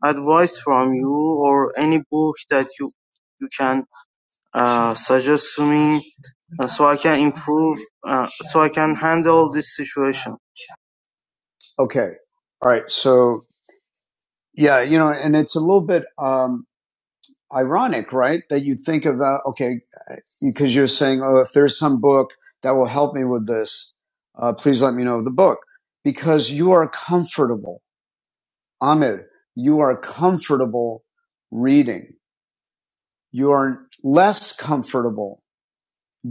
advice from you or any book that you you can uh, suggests to me uh, so I can improve, uh, so I can handle this situation. Okay. All right. So, yeah, you know, and it's a little bit um, ironic, right? That you think about, okay, because you're saying, oh, if there's some book that will help me with this, uh, please let me know the book. Because you are comfortable, Ahmed, you are comfortable reading. You are less comfortable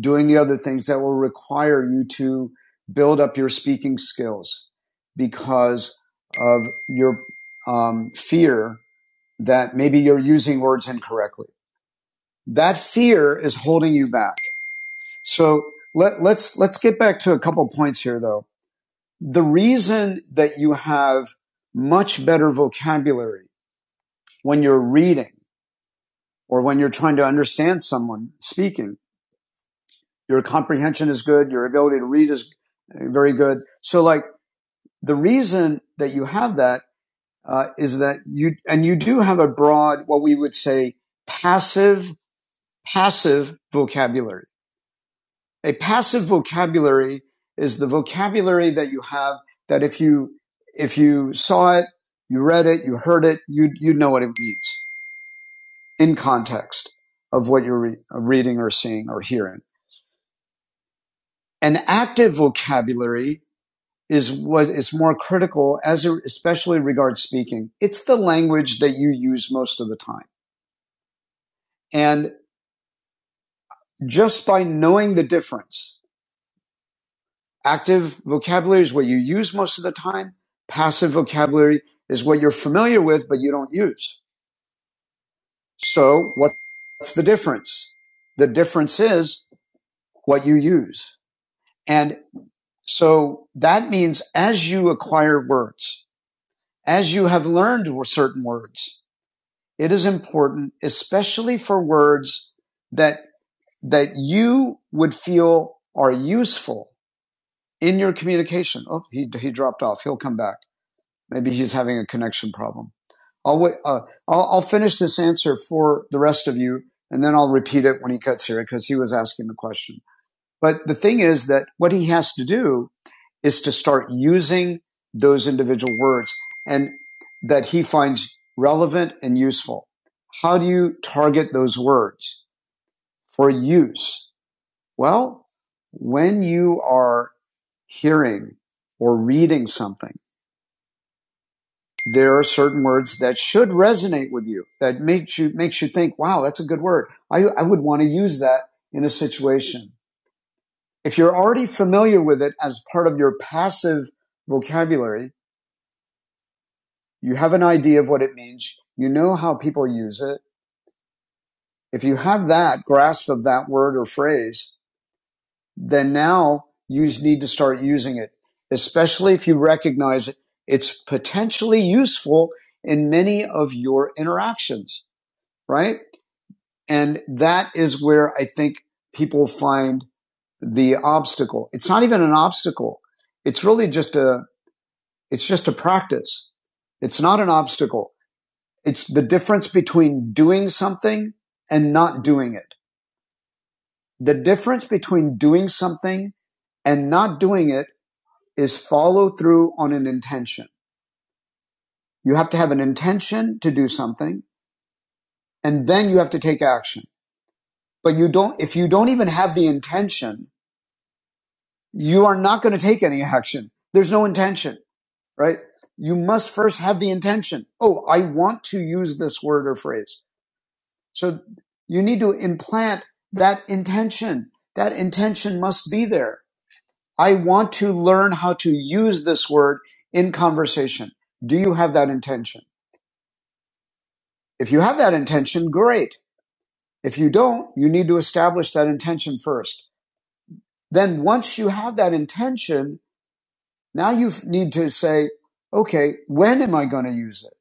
doing the other things that will require you to build up your speaking skills because of your um, fear that maybe you're using words incorrectly. That fear is holding you back. So let, let's let's get back to a couple points here, though. The reason that you have much better vocabulary when you're reading or when you're trying to understand someone speaking, your comprehension is good, your ability to read is very good. So like The reason that you have that uh, is that you and you do have a broad, what we would say, passive passive vocabulary. A passive vocabulary is the vocabulary that you have that if you if you saw it, you read it, you heard it, you you know what it means in context of what you're re- reading or seeing or hearing. An active vocabulary is what is more critical as a, especially regards speaking. It's the language that you use most of the time. And just by knowing the difference, active vocabulary is what you use most of the time. Passive vocabulary is what you're familiar with, but you don't use. So what's the difference? The difference is what you use. And so that means as you acquire words, as you have learned certain words, it is important, especially for words that that you would feel are useful in your communication. Oh, he he dropped off. He'll come back. Maybe he's having a connection problem. I'll wait. Uh, I'll, I'll finish this answer for the rest of you, and then I'll repeat it when he cuts here because he was asking the question. But the thing is that what he has to do is to start using those individual words and that he finds relevant and useful. How do you target those words for use? Well, when you are hearing or reading something, there are certain words that should resonate with you that makes you makes you think, wow, that's a good word. I, I would want to use that in a situation. If you're already familiar with it as part of your passive vocabulary, You have an idea of what it means. You know how people use it. If you have that grasp of that word or phrase, then now you need to start using it, especially if you recognize it. It's potentially useful in many of your interactions, right? And that is where I think people find the obstacle. It's not even an obstacle. It's really just a, it's just a practice. It's not an obstacle. It's the difference between doing something and not doing it. The difference between doing something and not doing it is follow through on an intention. You have to have an intention to do something and then you have to take action. But you don't, if you don't even have the intention, you are not going to take any action. There's no intention, right? You must first have the intention. Oh, I want to use this word or phrase. So you need to implant that intention. That intention must be there. I want to learn how to use this word in conversation. Do you have that intention? If you have that intention, great. If you don't, you need to establish that intention first. Then once you have that intention, now you need to say, okay, when am I going to use it?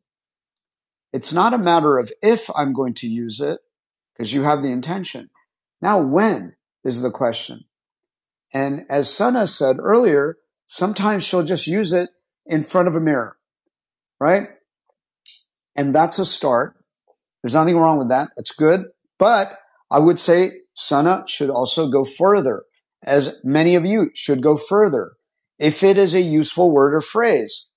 It's not a matter of if I'm going to use it because you have the intention. Now, when is the question? And as Sana said earlier, sometimes she'll just use it in front of a mirror, right? And that's a start. There's nothing wrong with that. It's good. But I would say Sana should also go further, as many of you should go further. If it is a useful word or phrase,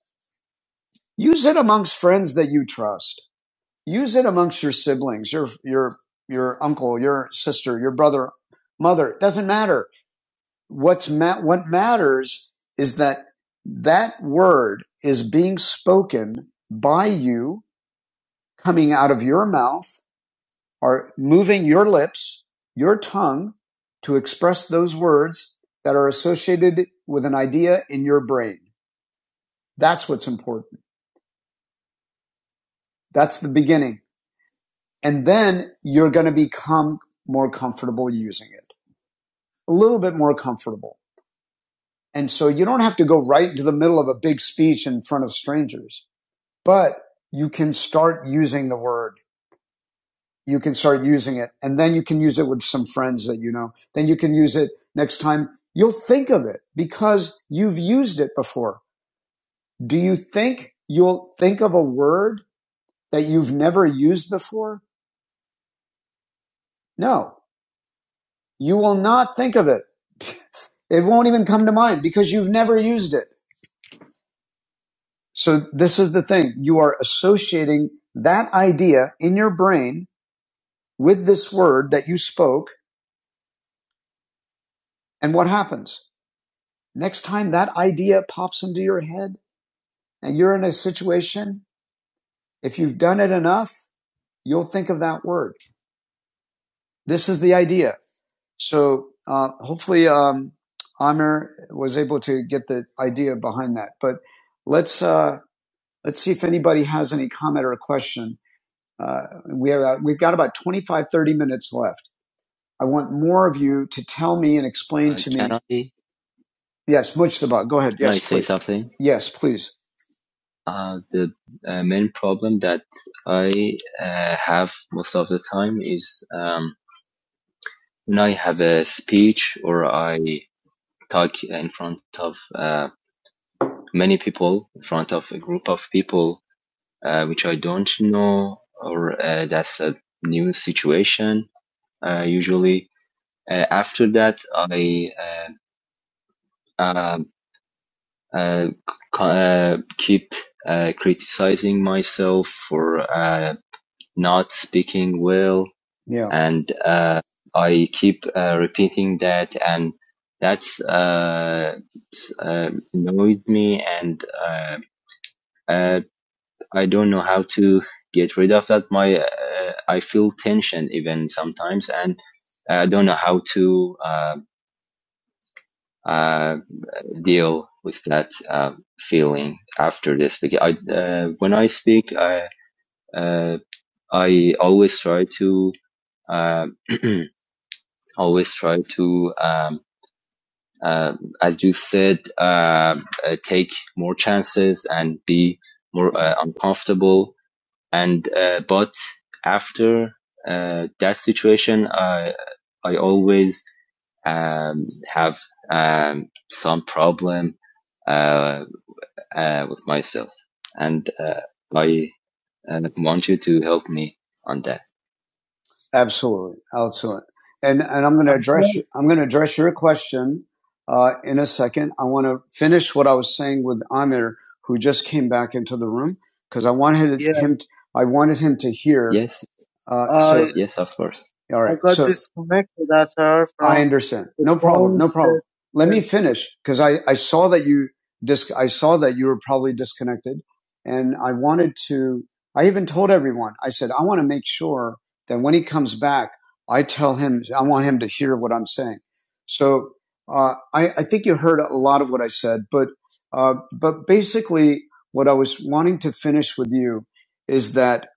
use it amongst friends that you trust. Use it amongst your siblings, your, your, your uncle, your sister, your brother, mother. It doesn't matter. what's ma- what matters is that that word is being spoken by you coming out of your mouth or moving your lips your tongue to express those words that are associated with an idea in your brain that's what's important that's the beginning and then you're going to become more comfortable using it a little bit more comfortable and so you don't have to go right into the middle of a big speech in front of strangers but you can start using the word. You can start using it and then you can use it with some friends that you know. Then you can use it next time. You'll think of it because you've used it before. Do you think you'll think of a word that you've never used before? No, you will not think of it. *laughs* It won't even come to mind because you've never used it. So this is the thing. You are associating that idea in your brain with this word that you spoke. And what happens? Next time that idea pops into your head and you're in a situation, if you've done it enough, you'll think of that word. This is the idea. So uh, hopefully, um, Amir was able to get the idea behind that. But let's uh, let's see if anybody has any comment or a question. Uh, we have uh, we've got about 25 30 minutes left. I want more of you to tell me and explain Uh, to me. I, Yes, Mujtaba, go ahead. Yes, can I Yes, say please. something? Yes, please. Uh, the uh, main problem that I uh, have most of the time is um, when I have a speech or I talk in front of uh, many people, in front of a group of people uh, which I don't know, or uh, that's a new situation. Uh, usually, uh, after that, I uh, um uh, uh, keep uh, criticizing myself for. Uh, not speaking well Yeah. and uh, I keep uh, repeating that, and that's uh, uh, annoyed me, and uh, uh, I don't know how to get rid of that. My uh, I feel tension even sometimes, and I don't know how to uh, uh, deal with that uh, feeling after this. Because I, uh, when I speak, I uh, I always try to. Uh, *clears throat* always try to, um, uh, as you said, um uh, take more chances and be more uh, uncomfortable. And uh, but after uh, that situation, I I always um, have um, some problem uh, uh, with myself, and uh, I uh, want you to help me on that. Absolutely, absolutely. And and I'm going to address you, I'm going to address your question uh, in a second. I want to finish what I was saying with Amir, who just came back into the room, because I wanted Yeah. him. To, I wanted him to hear. Yes. Uh, uh, so, Yes, of course. All right. I got So, disconnected at her I understand. No problem. No problem. Let me finish because I, I saw that you dis- I saw that you were probably disconnected and I wanted to, I even told everyone, I said, I want to make sure then when he comes back, I tell him, I want him to hear what I'm saying. So uh, I, I think you heard a lot of what I said, but uh, but basically, what I was wanting to finish with you is that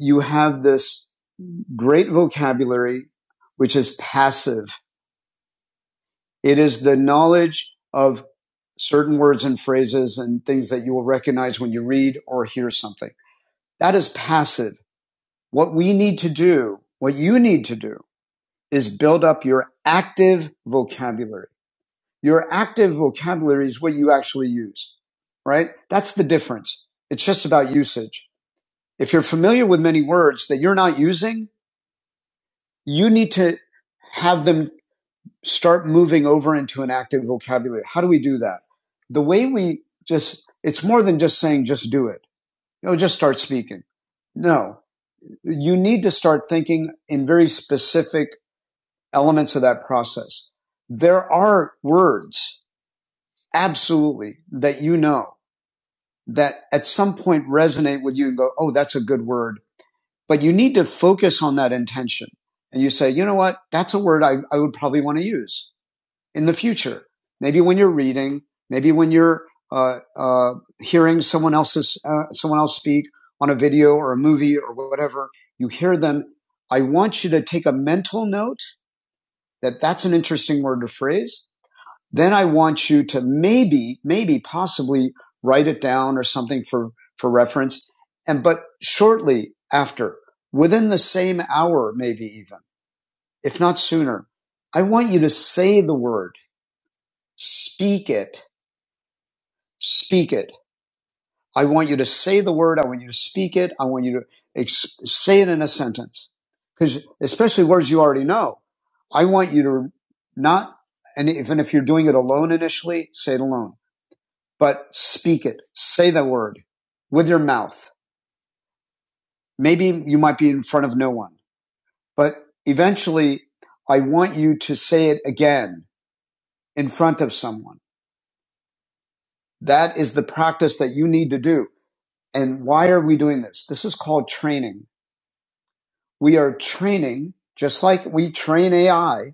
you have this great vocabulary, which is passive. It is the knowledge of certain words and phrases and things that you will recognize when you read or hear something. That is passive. What we need to do, what you need to do is build up your active vocabulary. Your active vocabulary is what you actually use, right? That's the difference. It's just about usage. If you're familiar with many words that you're not using, you need to have them start moving over into an active vocabulary. How do we do that? The way we just, it's more than just saying, just do it. No, just start speaking. No, you need to start thinking in very specific elements of that process. There are words, absolutely, that you know that at some point resonate with you and go, oh, that's a good word. But you need to focus on that intention. And you say, you know what? That's a word I, I would probably want to use in the future. Maybe when you're reading, maybe when you're uh, uh, hearing someone else's uh, someone else speak on a video or a movie or whatever, you hear them. I want you to take a mental note that that's an interesting word or phrase Then I want you to maybe, maybe possibly write it down or something for, for reference. And, but shortly after, within the same hour, maybe even, if not sooner, I want you to say the word, speak it, speak it. I want you to say the word. I want you to speak it. I want you to ex- say it in a sentence. Because especially words you already know, I want you to not, and even if you're doing it alone initially, say it alone. but speak it. Say the word with your mouth. Maybe you might be in front of no one, but eventually I want you to say it again in front of someone. That is the practice that you need to do. And why are we doing this? This is called training. We are training, just like we train AI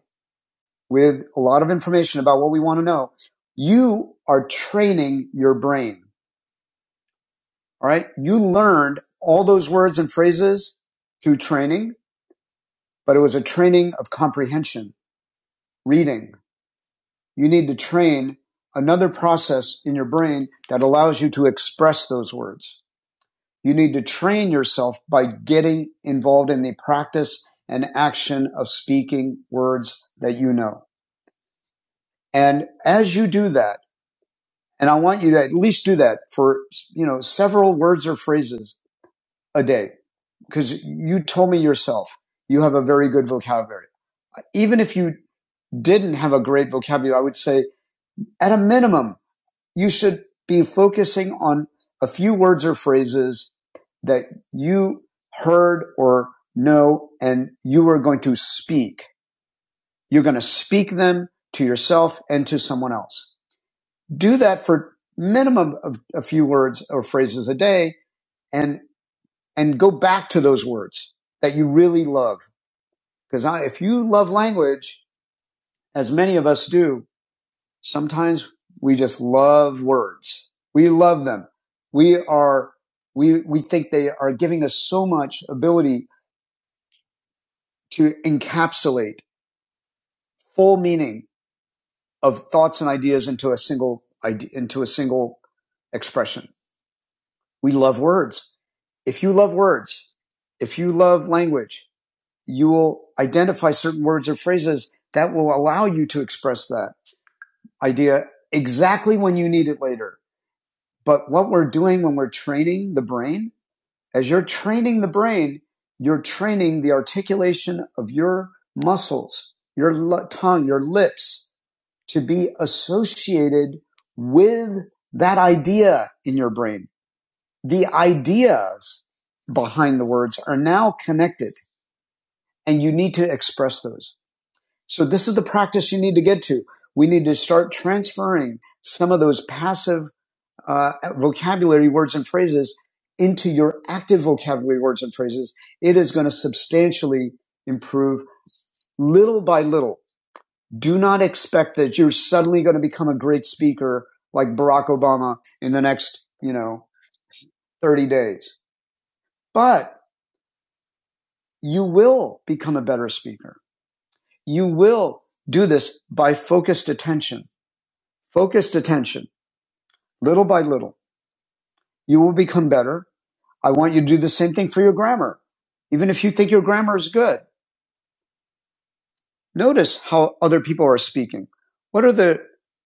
with a lot of information about what we want to know. You are training your brain. All right. You learned all those words and phrases through training but it was a training of comprehension, reading. You need to train another process in your brain that allows you to express those words. You need to train yourself by getting involved in the practice and action of speaking words that you know. And as you do that, and I want you to at least do that for, you know, several words or phrases a day, because you told me yourself you have a very good vocabulary. Even if you didn't have a great vocabulary, I would say At a minimum, you should be focusing on a few words or phrases that you heard or know and you are going to speak. You're going to speak them to yourself and to someone else. Do that for minimum of a few words or phrases a day and and go back to those words that you really love because if you love language as many of us do Sometimes we just love words. We love them. We are, we, we think they are giving us so much ability to encapsulate full meaning of thoughts and ideas into a single idea, into a single expression. We love words. If you love words, if you love language, you will identify certain words or phrases that will allow you to express that idea exactly when you need it later. But what we're doing when we're training the brain, as you're training the brain, you're training the articulation of your muscles, your tongue, your lips to be associated with that idea in your brain. The ideas behind the words are now connected and you need to express those. So this is the practice you need to get to. We need to start transferring some of those passive uh, vocabulary words and phrases into your active vocabulary words and phrases, it is going to substantially improve little by little. Do not expect that you're suddenly going to become a great speaker like Barack Obama in the next, you know, 30 days. But you will become a better speaker. You will do this by focused attention, focused attention, little by little. You will become better. I want you to do the same thing for your grammar. Even if you think your grammar is good, notice how other people are speaking. What are the,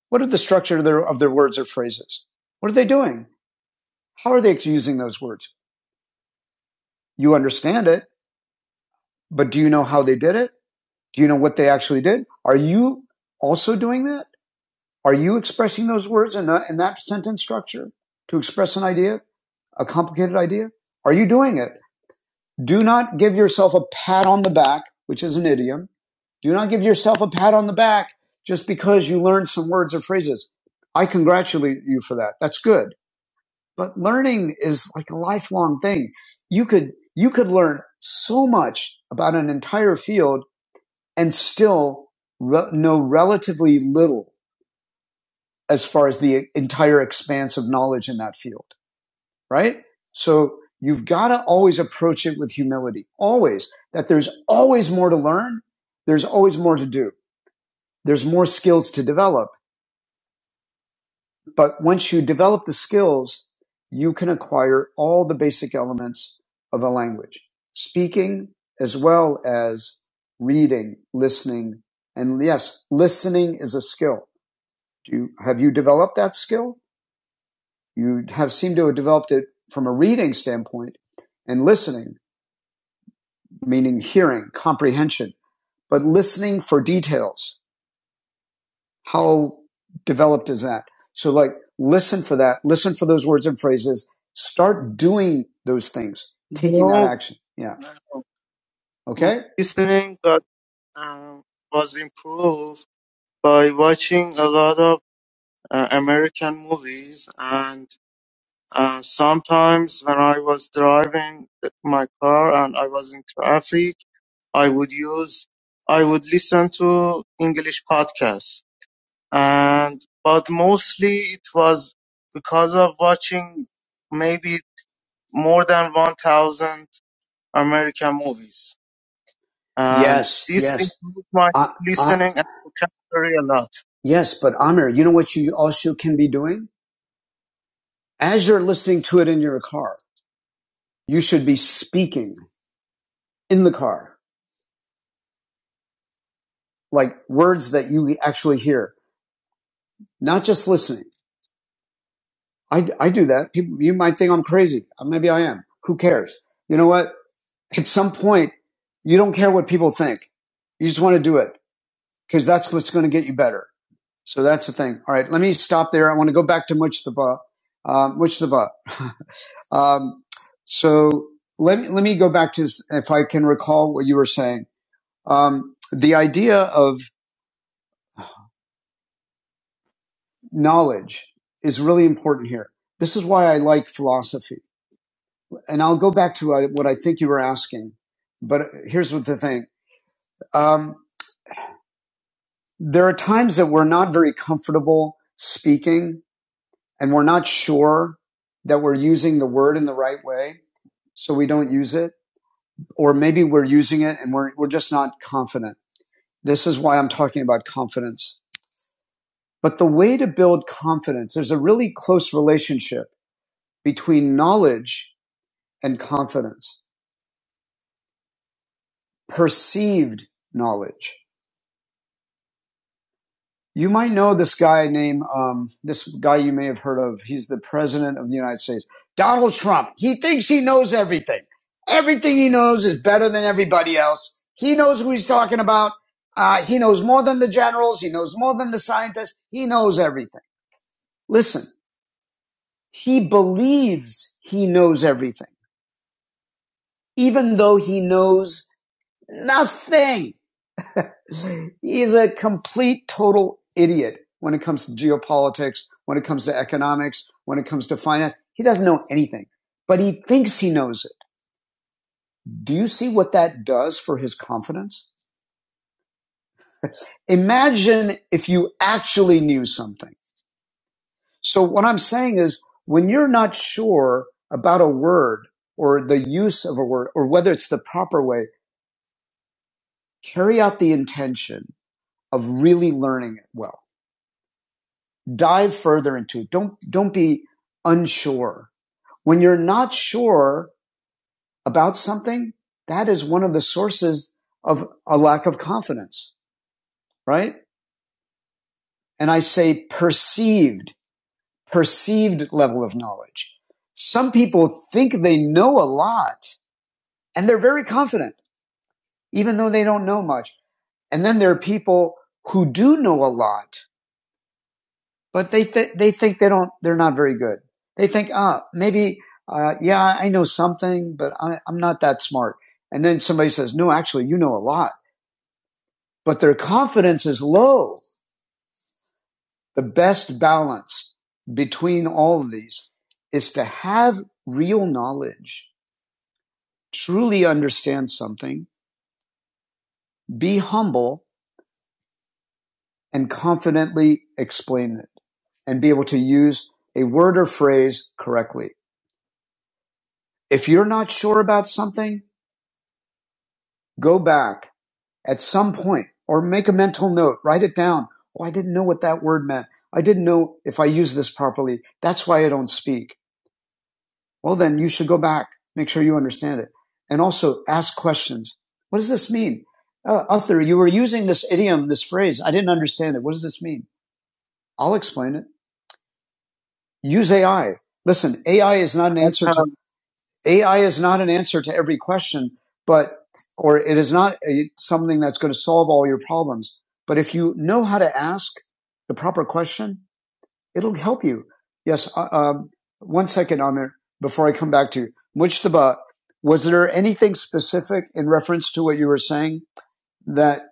what are the structure of their, of their words or phrases? What are they doing? How are they using those words? You understand it, but do you know how they did it? Do you know what they actually did? Are you also doing that? Are you expressing those words in, that in that sentence structure to express an idea, a complicated idea? Are you doing it? Do not give yourself a pat on the back, which is an idiom. Do not give yourself a pat on the back just because you learned some words or phrases. I congratulate you for that. That's good. But learning is like a lifelong thing. You could, you could learn so much about an entire field and still re- know relatively little as far as the entire expanse of knowledge in that field right? So you've got to always approach it with humility, always, that there's always more to learn. There's always more to do. There's more skills to develop. But once you develop the skills, you can acquire all the basic elements of a language, speaking as well as reading, listening. And yes, listening is a skill. Do you, have you developed that skill? You have seemed to have developed it from a reading standpoint and listening meaning hearing, comprehension, but listening for details. How developed is that? So like listen for that, listen for those words and phrases, start doing those things, taking no, that No, action. Yeah. no. Okay? Listening got um, was improved by watching a lot of uh, American movies, and uh, sometimes when I was driving my car and I was in traffic. I would use I would listen to English podcasts and but mostly it was because of watching maybe more than one thousand American movies. And Yes, this yes. improved my I, I, listening and vocabulary a lot. yes, but Amir, you know what you also can be doing? As you're listening to it in your car, you should be speaking in the car, like words that you actually hear, not just listening. I, I do that. People, you might think I'm crazy. Uh, Maybe I am. Who cares? You know what? At some point, you don't care what people think. You just want to do it because that's what's going to get you better. So that's the thing. All right. Let me stop there. I want to go back to Mujtaba. Uh, Mujtaba. Um, so let me, let me go back to, if I can recall what you were saying. Um, the idea of knowledge is really important here. This is why I like philosophy and I'll go back to uh, what I think you were asking. But here's what the thing: um, there are times that we're not very comfortable speaking, and we're not sure that we're using the word in the right way, so we don't use it, or maybe we're using it and we're we're just not confident. This is why I'm talking about confidence. But the way to build confidence, there's a really close relationship between knowledge and confidence, perceived knowledge. You might know this guy named um, this guy you may have heard of. He's the president of the United States, Donald Trump. He thinks he knows everything. Everything he knows is better than everybody else. He knows who he's talking about. Uh, he knows more than the generals. He knows more than the scientists. He knows everything. Listen, he believes he knows everything, even though he knows nothing. He's a complete total idiot when it comes to geopolitics, when it comes to economics, when it comes to finance. He doesn't know anything, but he thinks he knows it. Do you see what that does for his confidence? Imagine if you actually knew something. So what I'm saying is when you're not sure about a word or the use of a word or whether it's the proper way, carry out the intention of really learning it well dive further into it. Don't don't be unsure. When you're not sure about something, that is one of the sources of a lack of confidence, right? And I say perceived, perceived level of knowledge. Some people think they know a lot and they're very confident, even though they don't know much. And then there are people who do know a lot but they th- they think they don't they're not very good. They think ah maybe uh, yeah I know something, but I, I'm not that smart. And then somebody says no, actually you know a lot, but their confidence is low. The best balance between all of these is to have real knowledge, truly understand something, be humble, and confidently explain it, and be able to use a word or phrase correctly. If you're not sure about something, go back at some point or make a mental note, write it down. Oh, I didn't know what that word meant. I didn't know if I use this properly. That's why I don't speak. Well, then you should go back, make sure you understand it. And also ask questions. What does this mean? Uh, Uther, you were using this idiom, this phrase. I didn't understand it. What does this mean? I'll explain it. Use AI. Listen, AI is not an answer to AI is not an answer to every question, but or it is not a, something that's going to solve all your problems. But if you know how to ask the proper question, it'll help you. Yes. uh, Um, one second, Amir, before I come back to you, Mujtaba, was there anything specific in reference to what you were saying that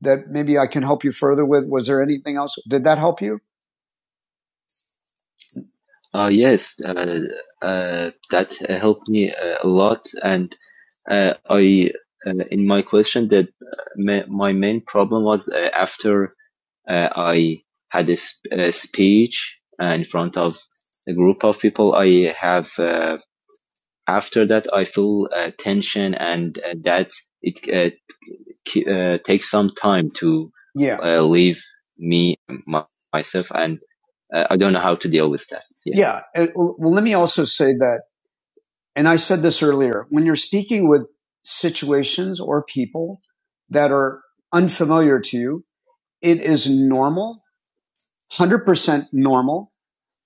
that maybe I can help you further with? Was there anything else? Did that help you? Uh, yes, uh, uh, that uh, helped me uh, a lot, and uh, I uh, in my question that uh, ma- my main problem was uh, after uh, I had a, sp- a speech uh, in front of a group of people, I have uh, after that I feel uh, tension, and uh, that it uh, uh, take some time to Yeah. uh, leave me my, myself, and uh, I don't know how to deal with that. Yeah. Yeah. well, let me also say that, and I said this earlier, when you're speaking with situations or people that are unfamiliar to you, it is normal, 100% normal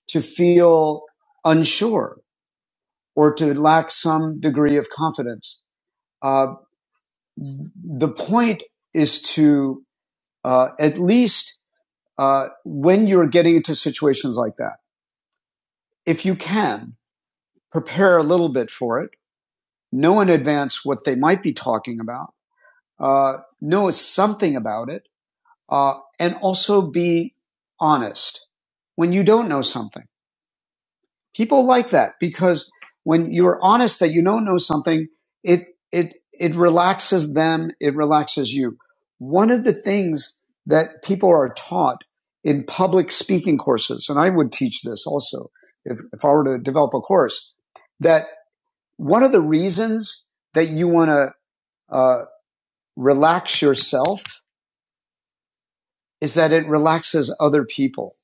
to feel unsure or to lack some degree of confidence. Uh, the point is to uh, at least uh, when you're getting into situations like that, if you can, prepare a little bit for it, know in advance what they might be talking about, uh, know something about it, uh, and also be honest. When you don't know something, People like that because when you're honest that you don't know something, it it it relaxes them, it relaxes you. One of the things that people are taught in public speaking courses, and I would teach this also if, if I were to develop a course, that one of the reasons that you want to uh, relax yourself is that it relaxes other people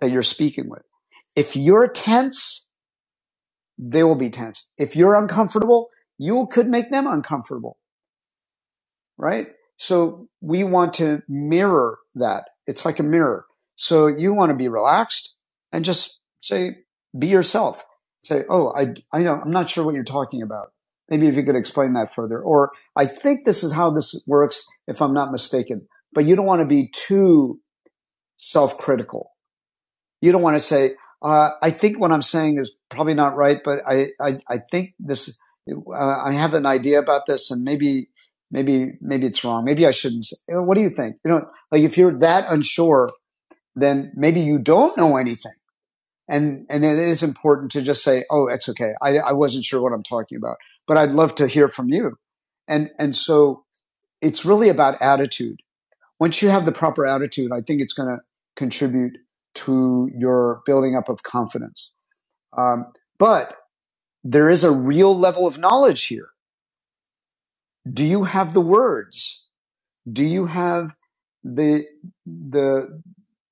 that you're speaking with. If you're tense, they will be tense. If you're uncomfortable, you could make them uncomfortable, right? So we want to mirror that. It's like a mirror. So you want to be relaxed and just say, be yourself. Say, oh, I, I know, I'm not sure what you're talking about. Maybe if you could explain that further. Or I think this is how this works, if I'm not mistaken. But you don't want to be too self critical you don't want to say, uh, I think what I'm saying is probably not right, but I, I, I think this, uh, I have an idea about this and maybe, maybe, maybe it's wrong. Maybe I shouldn't say, you know, what do you think? You know, like if you're that unsure, then maybe you don't know anything. And, and then it is important to just say, oh, it's okay. I, I wasn't sure what I'm talking about, but I'd love to hear from you. And, and so it's really about attitude once you have the proper attitude, I think it's going to contribute to your building up of confidence. Um, but there is a real level of knowledge here. Do you have the words? Do you have the the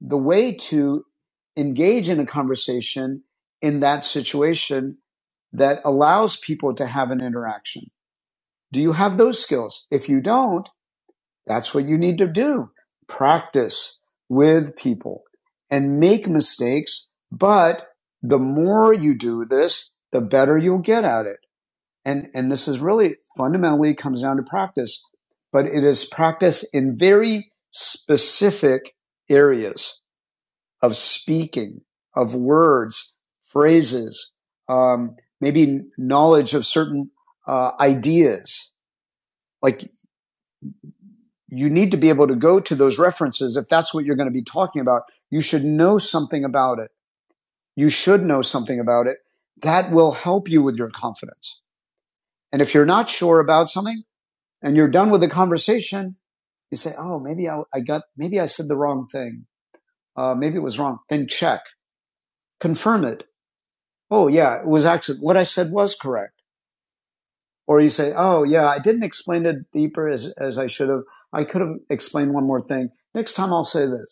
the way to engage in a conversation in that situation that allows people to have an interaction? Do you have those skills? If you don't, That's what you need to do. Practice with people and make mistakes. But the more you do this, the better you'll get at it. And, and this is really fundamentally comes down to practice, but it is practice in very specific areas of speaking, of words, phrases, um, maybe knowledge of certain uh, ideas. Like you need to be able to go to those references if that's what you're going to be talking about. You should know something about it. You should know something about it. That will help you with your confidence. And if you're not sure about something and you're done with the conversation, you say, "Oh, maybe I, I got, maybe I said the wrong thing. Uh, maybe it was wrong." Then check, confirm it. Oh, yeah, it was actually what I said was correct. Or you say, "Oh, yeah, I didn't explain it deeper as as I should have. I could have explained one more thing. Next time I'll say this."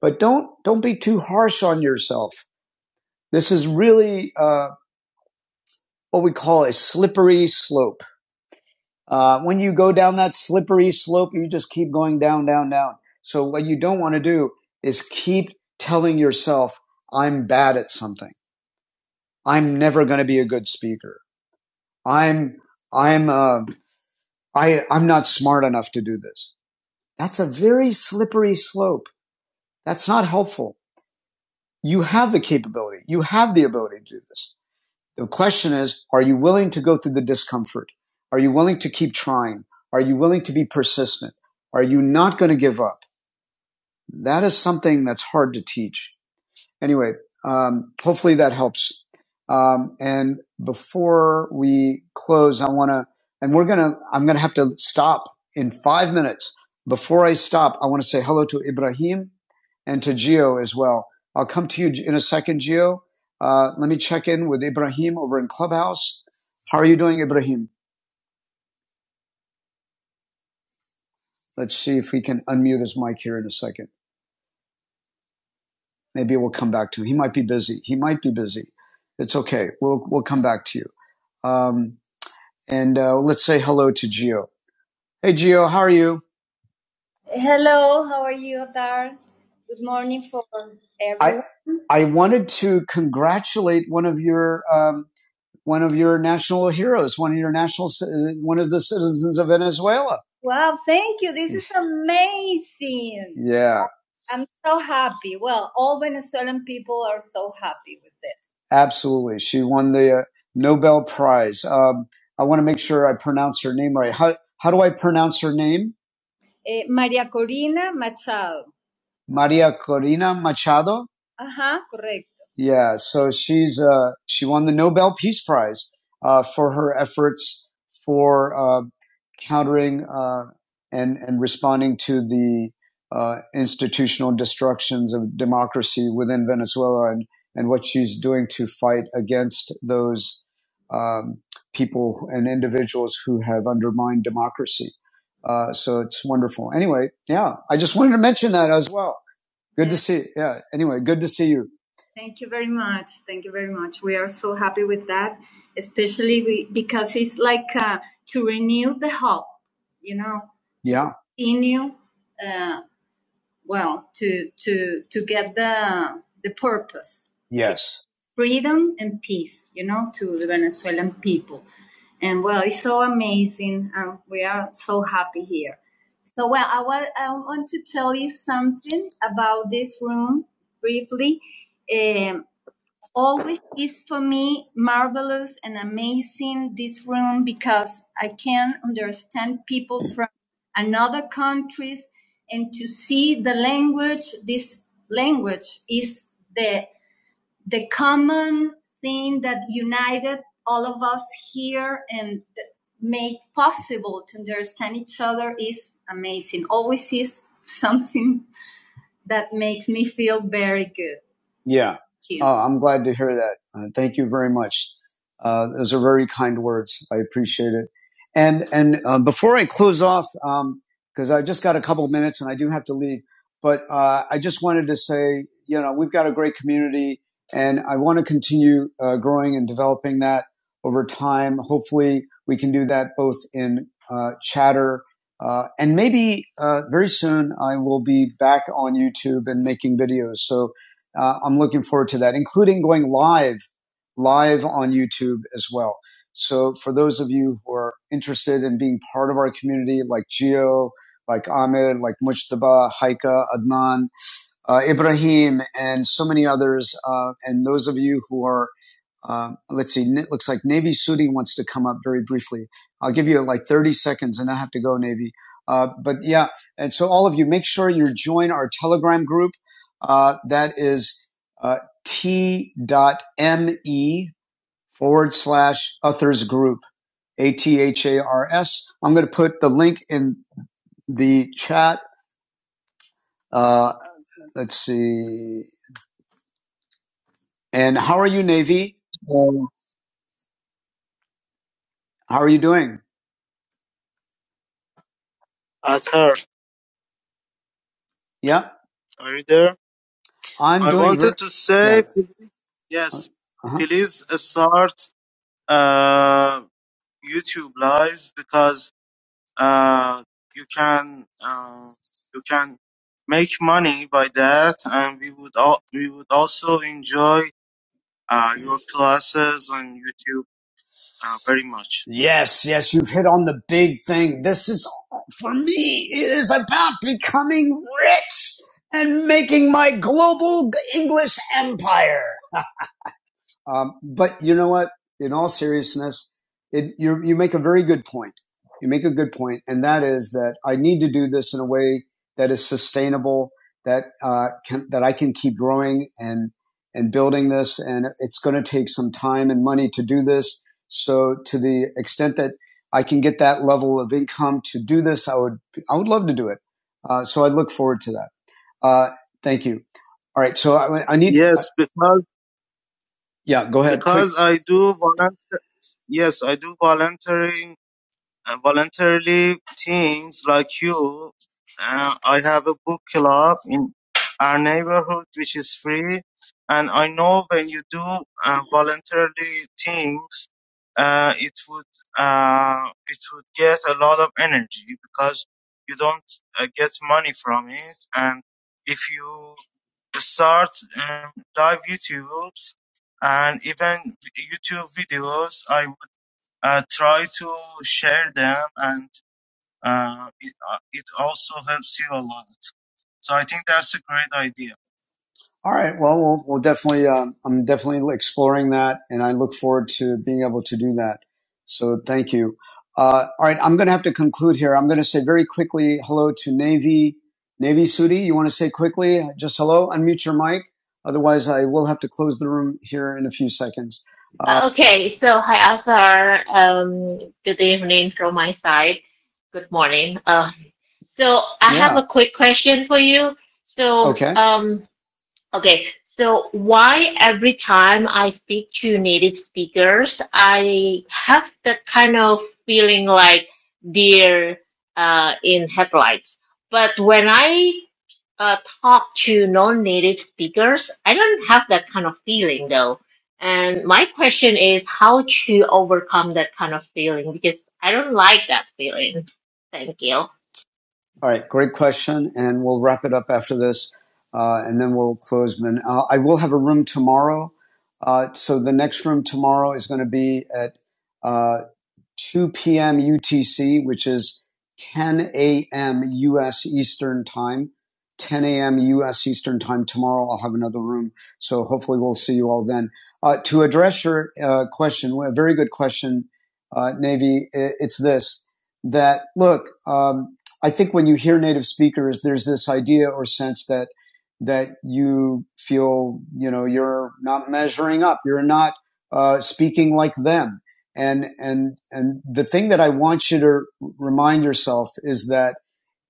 But don't don't be too harsh on yourself. This is really uh, what we call a slippery slope. Uh, when you go down that slippery slope, you just keep going down, down, down. So what you don't want to do is keep telling yourself, "I'm bad at something. I'm never going to be a good speaker. I'm I'm uh, I I'm not smart enough to do this." That's a very slippery slope. That's not helpful. You have the capability. You have the ability to do this. The question is, are you willing to go through the discomfort? Are you willing to keep trying? Are you willing to be persistent? Are you not going to give up? That is something that's hard to teach anyway, um, hopefully that helps. Um, and before we close, I want to, and we're going to, I'm going to have to stop in five minutes. Before I stop, I want to say hello to Ibrahim and to Gio as well. I'll come to you in a second, Gio. Uh, let me check in with Ibrahim over in Clubhouse. How are you doing, Ibrahim? Let's see if we can unmute his mic here in a second. Maybe we'll come back to him. He might be busy. He might be busy. It's okay. We'll we'll come back to you. Um, And uh, let's say hello to Gio. Hey, Gio, how are you? Hello, how are you, Adar? Good morning for I everyone. I I wanted to congratulate one of your um, one of your national heroes, one of your national, one of the citizens of Venezuela. Wow, thank you. This is *laughs* amazing. Yeah, I'm so happy. Well, all Venezuelan people are so happy with this. absolutely. She won the uh, Nobel Prize. Um, I want to make sure I pronounce her name right. How how do I pronounce her name? Eh, Maria Corina Machado. Maria Corina Machado. Ajá, correct. Yeah, so she's uh, she won the Nobel Peace Prize uh, for her efforts for uh, countering uh, and and responding to the uh, institutional destructions of democracy within Venezuela and and what she's doing to fight against those um, people and individuals who have undermined democracy. Uh, so it's wonderful. Anyway, yeah, I just wanted to mention that as well. Good to see. Yeah. Anyway, good to see you. Thank you very much. Thank you very much. We are so happy with that, especially we, because it's like uh, to renew the hope, you know, to Yeah. continue. uh, well to to to get the the purpose Yes. freedom and peace you know to the venezuelan people and well it's so amazing and we are so happy here so well i, wa- I want to tell you something about this room briefly Um, always is for me marvelous and amazing this room because I can understand people from another countries and to see the language this language is the the common thing that united all of us here and th- make possible to understand each other is amazing always is something that makes me feel very good. Yeah. Thank Oh, I'm glad to hear that. Uh, thank you very much. Uh, those are very kind words. I appreciate it. And and uh, before I close off, because I just got a couple of minutes and I do have to leave, but uh, I just wanted to say, you know, we've got a great community, and I want to continue uh, growing and developing that over time. Hopefully, we can do that both in uh, Chatter uh, and maybe uh, very soon I will be back on YouTube and making videos. So uh, I'm looking forward to that, including going live, live on YouTube as well. So for those of you who are interested in being part of our community, like Geo, like Ahmed, like Mujtaba, Haika, Adnan, uh, Ibrahim, and so many others, uh, and those of you who are um, let's see. It looks like Navy Sudi wants to come up very briefly. I'll give you like 30 seconds, and I have to go, Navy. Uh, but yeah, and so all of you, make sure you join our Telegram group. Uh, that is uh, t.me forward slash authors group, A T H A R S. I'm going to put the link in the chat. Uh, let's see. And how are you, Navy? Um, How are you doing? Arthur. Yeah. Are you there? I'm I doing wanted ver- to yeah. say, Yeah. yes, Uh-huh. please uh, start uh, YouTube Live because uh, you can uh, you can make money by that, and we would all we would also enjoy uh, your classes on YouTube uh, very much. Yes, yes, you've hit on the big thing. This is for me. It is about becoming rich and making my global English empire. Um, but you know what? In all seriousness, it, you you make a very good point. You make a good point, and that is that I need to do this in a way that is sustainable, that uh, can, that I can keep growing and and building this, and it's going to take some time and money to do this. So, to the extent that I can get that level of income to do this, I would I would love to do it. Uh, so, I look forward to that. Uh, thank you. All right, so I, I need Yes, because yeah, go ahead, quick. because I do volunteer. Yes, I do volunteering uh, voluntarily things like you. Uh, I have a book club in our neighborhood which is free, and I know when you do uh, voluntarily things, uh, it would uh, it would get a lot of energy because you don't uh, get money from it, and if you start um, live YouTube's and even YouTube videos. I uh, try to share them and uh, it, uh, it also helps you a lot. So I think that's a great idea. All right. Well, we'll, we'll definitely, um, I'm definitely exploring that and I look forward to being able to do that. So thank you. Uh, all right. I'm going to have to conclude here. I'm going to say very quickly hello to Navy. Navy Sudi, you want to say quickly just hello? Unmute your mic. Otherwise, I will have to close the room here in a few seconds. Uh,
Uh, Okay, so hi Arthur. Um, good evening from my side. Good morning. Uh, so I have
yeah.
a quick question for you. So,
Okay.
um, okay, so why every time I speak to native speakers, I have that kind of feeling like deer uh, in headlights. But when I uh, talk to non-native speakers. I don't have that kind of feeling though. And my question is how to overcome that kind of feeling because I don't like that feeling. Thank you.
All right, great question, and we'll wrap it up after this, uh, and then we'll close. But uh, I will have a room tomorrow. Uh, so the next room tomorrow is going to be at uh, 2 p.m. UTC, which is 10 a.m. U.S. Eastern time. 10 a.m. U.S. Eastern time tomorrow. I'll have another room, so hopefully we'll see you all then. Uh, to address your uh, question, a very good question, uh, Navy. It's this: that look, um, I think when you hear native speakers, there's this idea or sense that that you feel, you know, you're not measuring up, you're not uh, speaking like them and, and, and the thing that I want you to remind yourself is that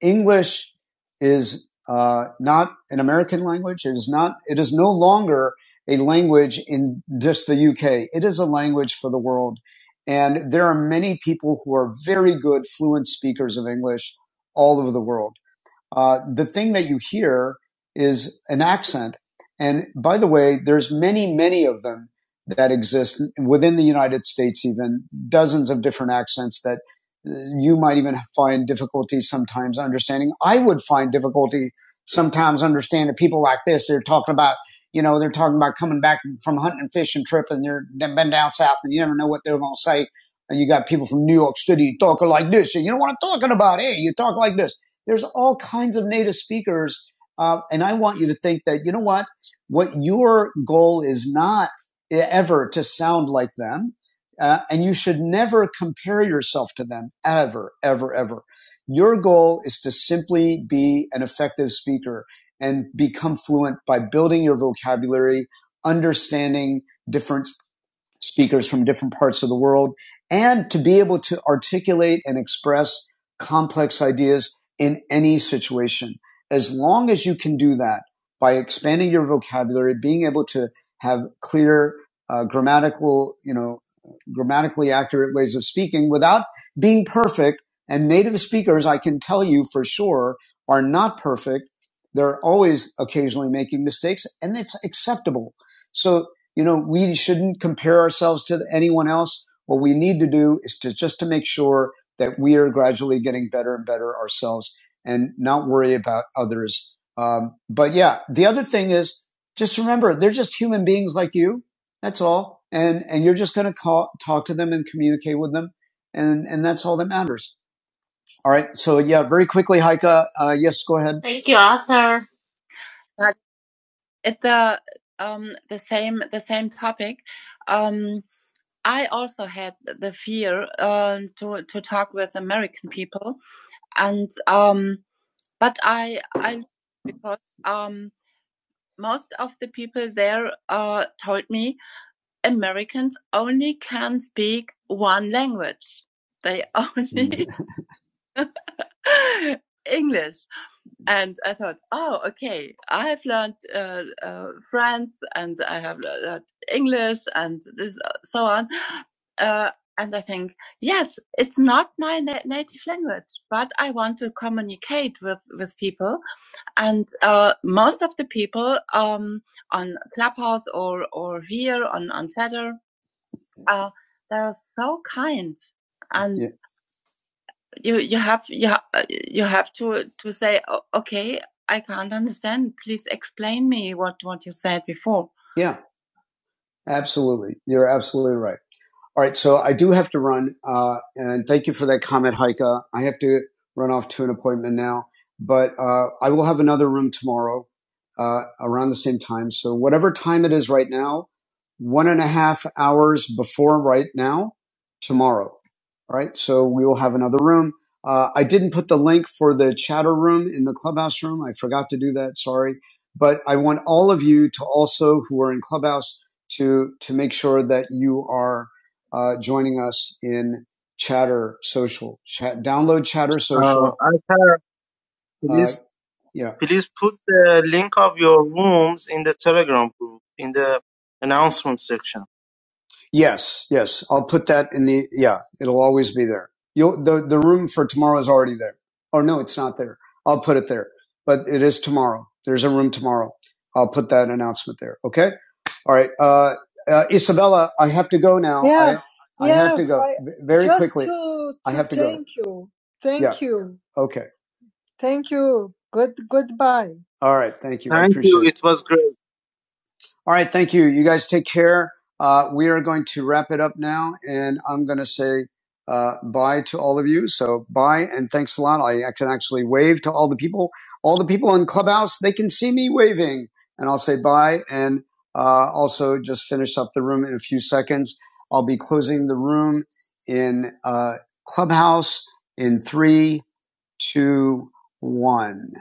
English is uh, not an American language. It is not, it is no longer a language in just the UK. It is a language for the world. And there are many people who are very good, fluent speakers of English all over the world uh, the thing that you hear is an accent. And by the way, there's many, many of them that exist within the United States, even dozens of different accents that uh, you might even find difficulty sometimes understanding. I would find difficulty sometimes understanding people like this. They're talking about, you know, they're talking about coming back from hunting and fishing trip and they're they've been down south and you never know what they're going to say. And you got people from New York City talking like this. And you know what I'm talking about? Hey, you talk like this there's all kinds of native speakers. Uh, and I want you to think that, you know what? What your goal is not e-, ever to sound like them. Uh, and you should never compare yourself to them ever, ever, ever. Your goal is to simply be an effective speaker and become fluent by building your vocabulary, understanding different speakers from different parts of the world and to be able to articulate and express complex ideas in any situation. As long as you can do that by expanding your vocabulary, being able to have clear uh, grammatical, you know, grammatically accurate ways of speaking without being perfect. And native speakers, I can tell you for sure, are not perfect. They're always occasionally making mistakes and it's acceptable. So you know, we shouldn't compare ourselves to anyone else. What we need to do is to just to make sure that we are gradually getting better and better ourselves and not worry about others. Um, but yeah, the other thing is just remember they're just human beings like you. That's all. And, and you're just going to call, talk to them and communicate with them. And, and that's all that matters. All right. So yeah, very quickly, Heike. Uh, yes, go ahead.
Thank you, Arthur.
At the um, the same the same topic. Um, I also had the fear um, to to talk with American people, and um, but I I because um, most of the people there uh, told me Americans only can speak one language. They only *laughs* English, And I thought, oh, okay, I have learned uh, uh, French and I have learned English and this, uh, so on. Uh, and I think, yes, it's not my na- native language, but I want to communicate with, with people. And uh, most of the people um, on Clubhouse or, or here on, on Chatter, uh, they're so kind. And Yeah you you have you you have to to say okay i can't understand please explain me what what you said before yeah. Absolutely. You're absolutely right. All right. So I do have to run. Uh, and thank you for that comment, Heike. I have to run off to an appointment now, but, uh, I will have another room tomorrow, uh, around the same time. So whatever time it is right now, one and a half hours before right now, tomorrow. All right. So we will have another room. Uh, I didn't put the link for the chatter room in the clubhouse room. I forgot to do that. Sorry. But I want all of you to also who are in clubhouse to to make sure that you are uh, joining us in Chatter Social. Chat, download Chatter Uh, Social. Alper, Uh, Alper, please, uh, yeah, please put the link of your rooms in the Telegram group in the announcement section. yes, yes. I'll put that in the yeah. It'll always be there. You'll the the room for tomorrow is already there. Oh no, it's not there. I'll put it there, but it is tomorrow. There's a room tomorrow. I'll put that announcement there. Okay. All right. Uh, uh, Isabella, I have to go now. Yes. I, I have yeah. have to go I, v- very just quickly. to I to have to go. thank go. you. Thank Yeah. you. Okay. Thank you. Good goodbye. All right. Thank you. I Thank appreciate you. it. It was great. All right, thank you. You guys take care. Uh, we are going to wrap it up now, and I'm going to say uh, bye to all of you. So bye, and thanks a lot. I, can actually wave to all the people. All the people in Clubhouse, they can see me waving, and I'll say bye, and uh, also just finish up the room in a few seconds. I'll be closing the room in uh, Clubhouse in three, two, one.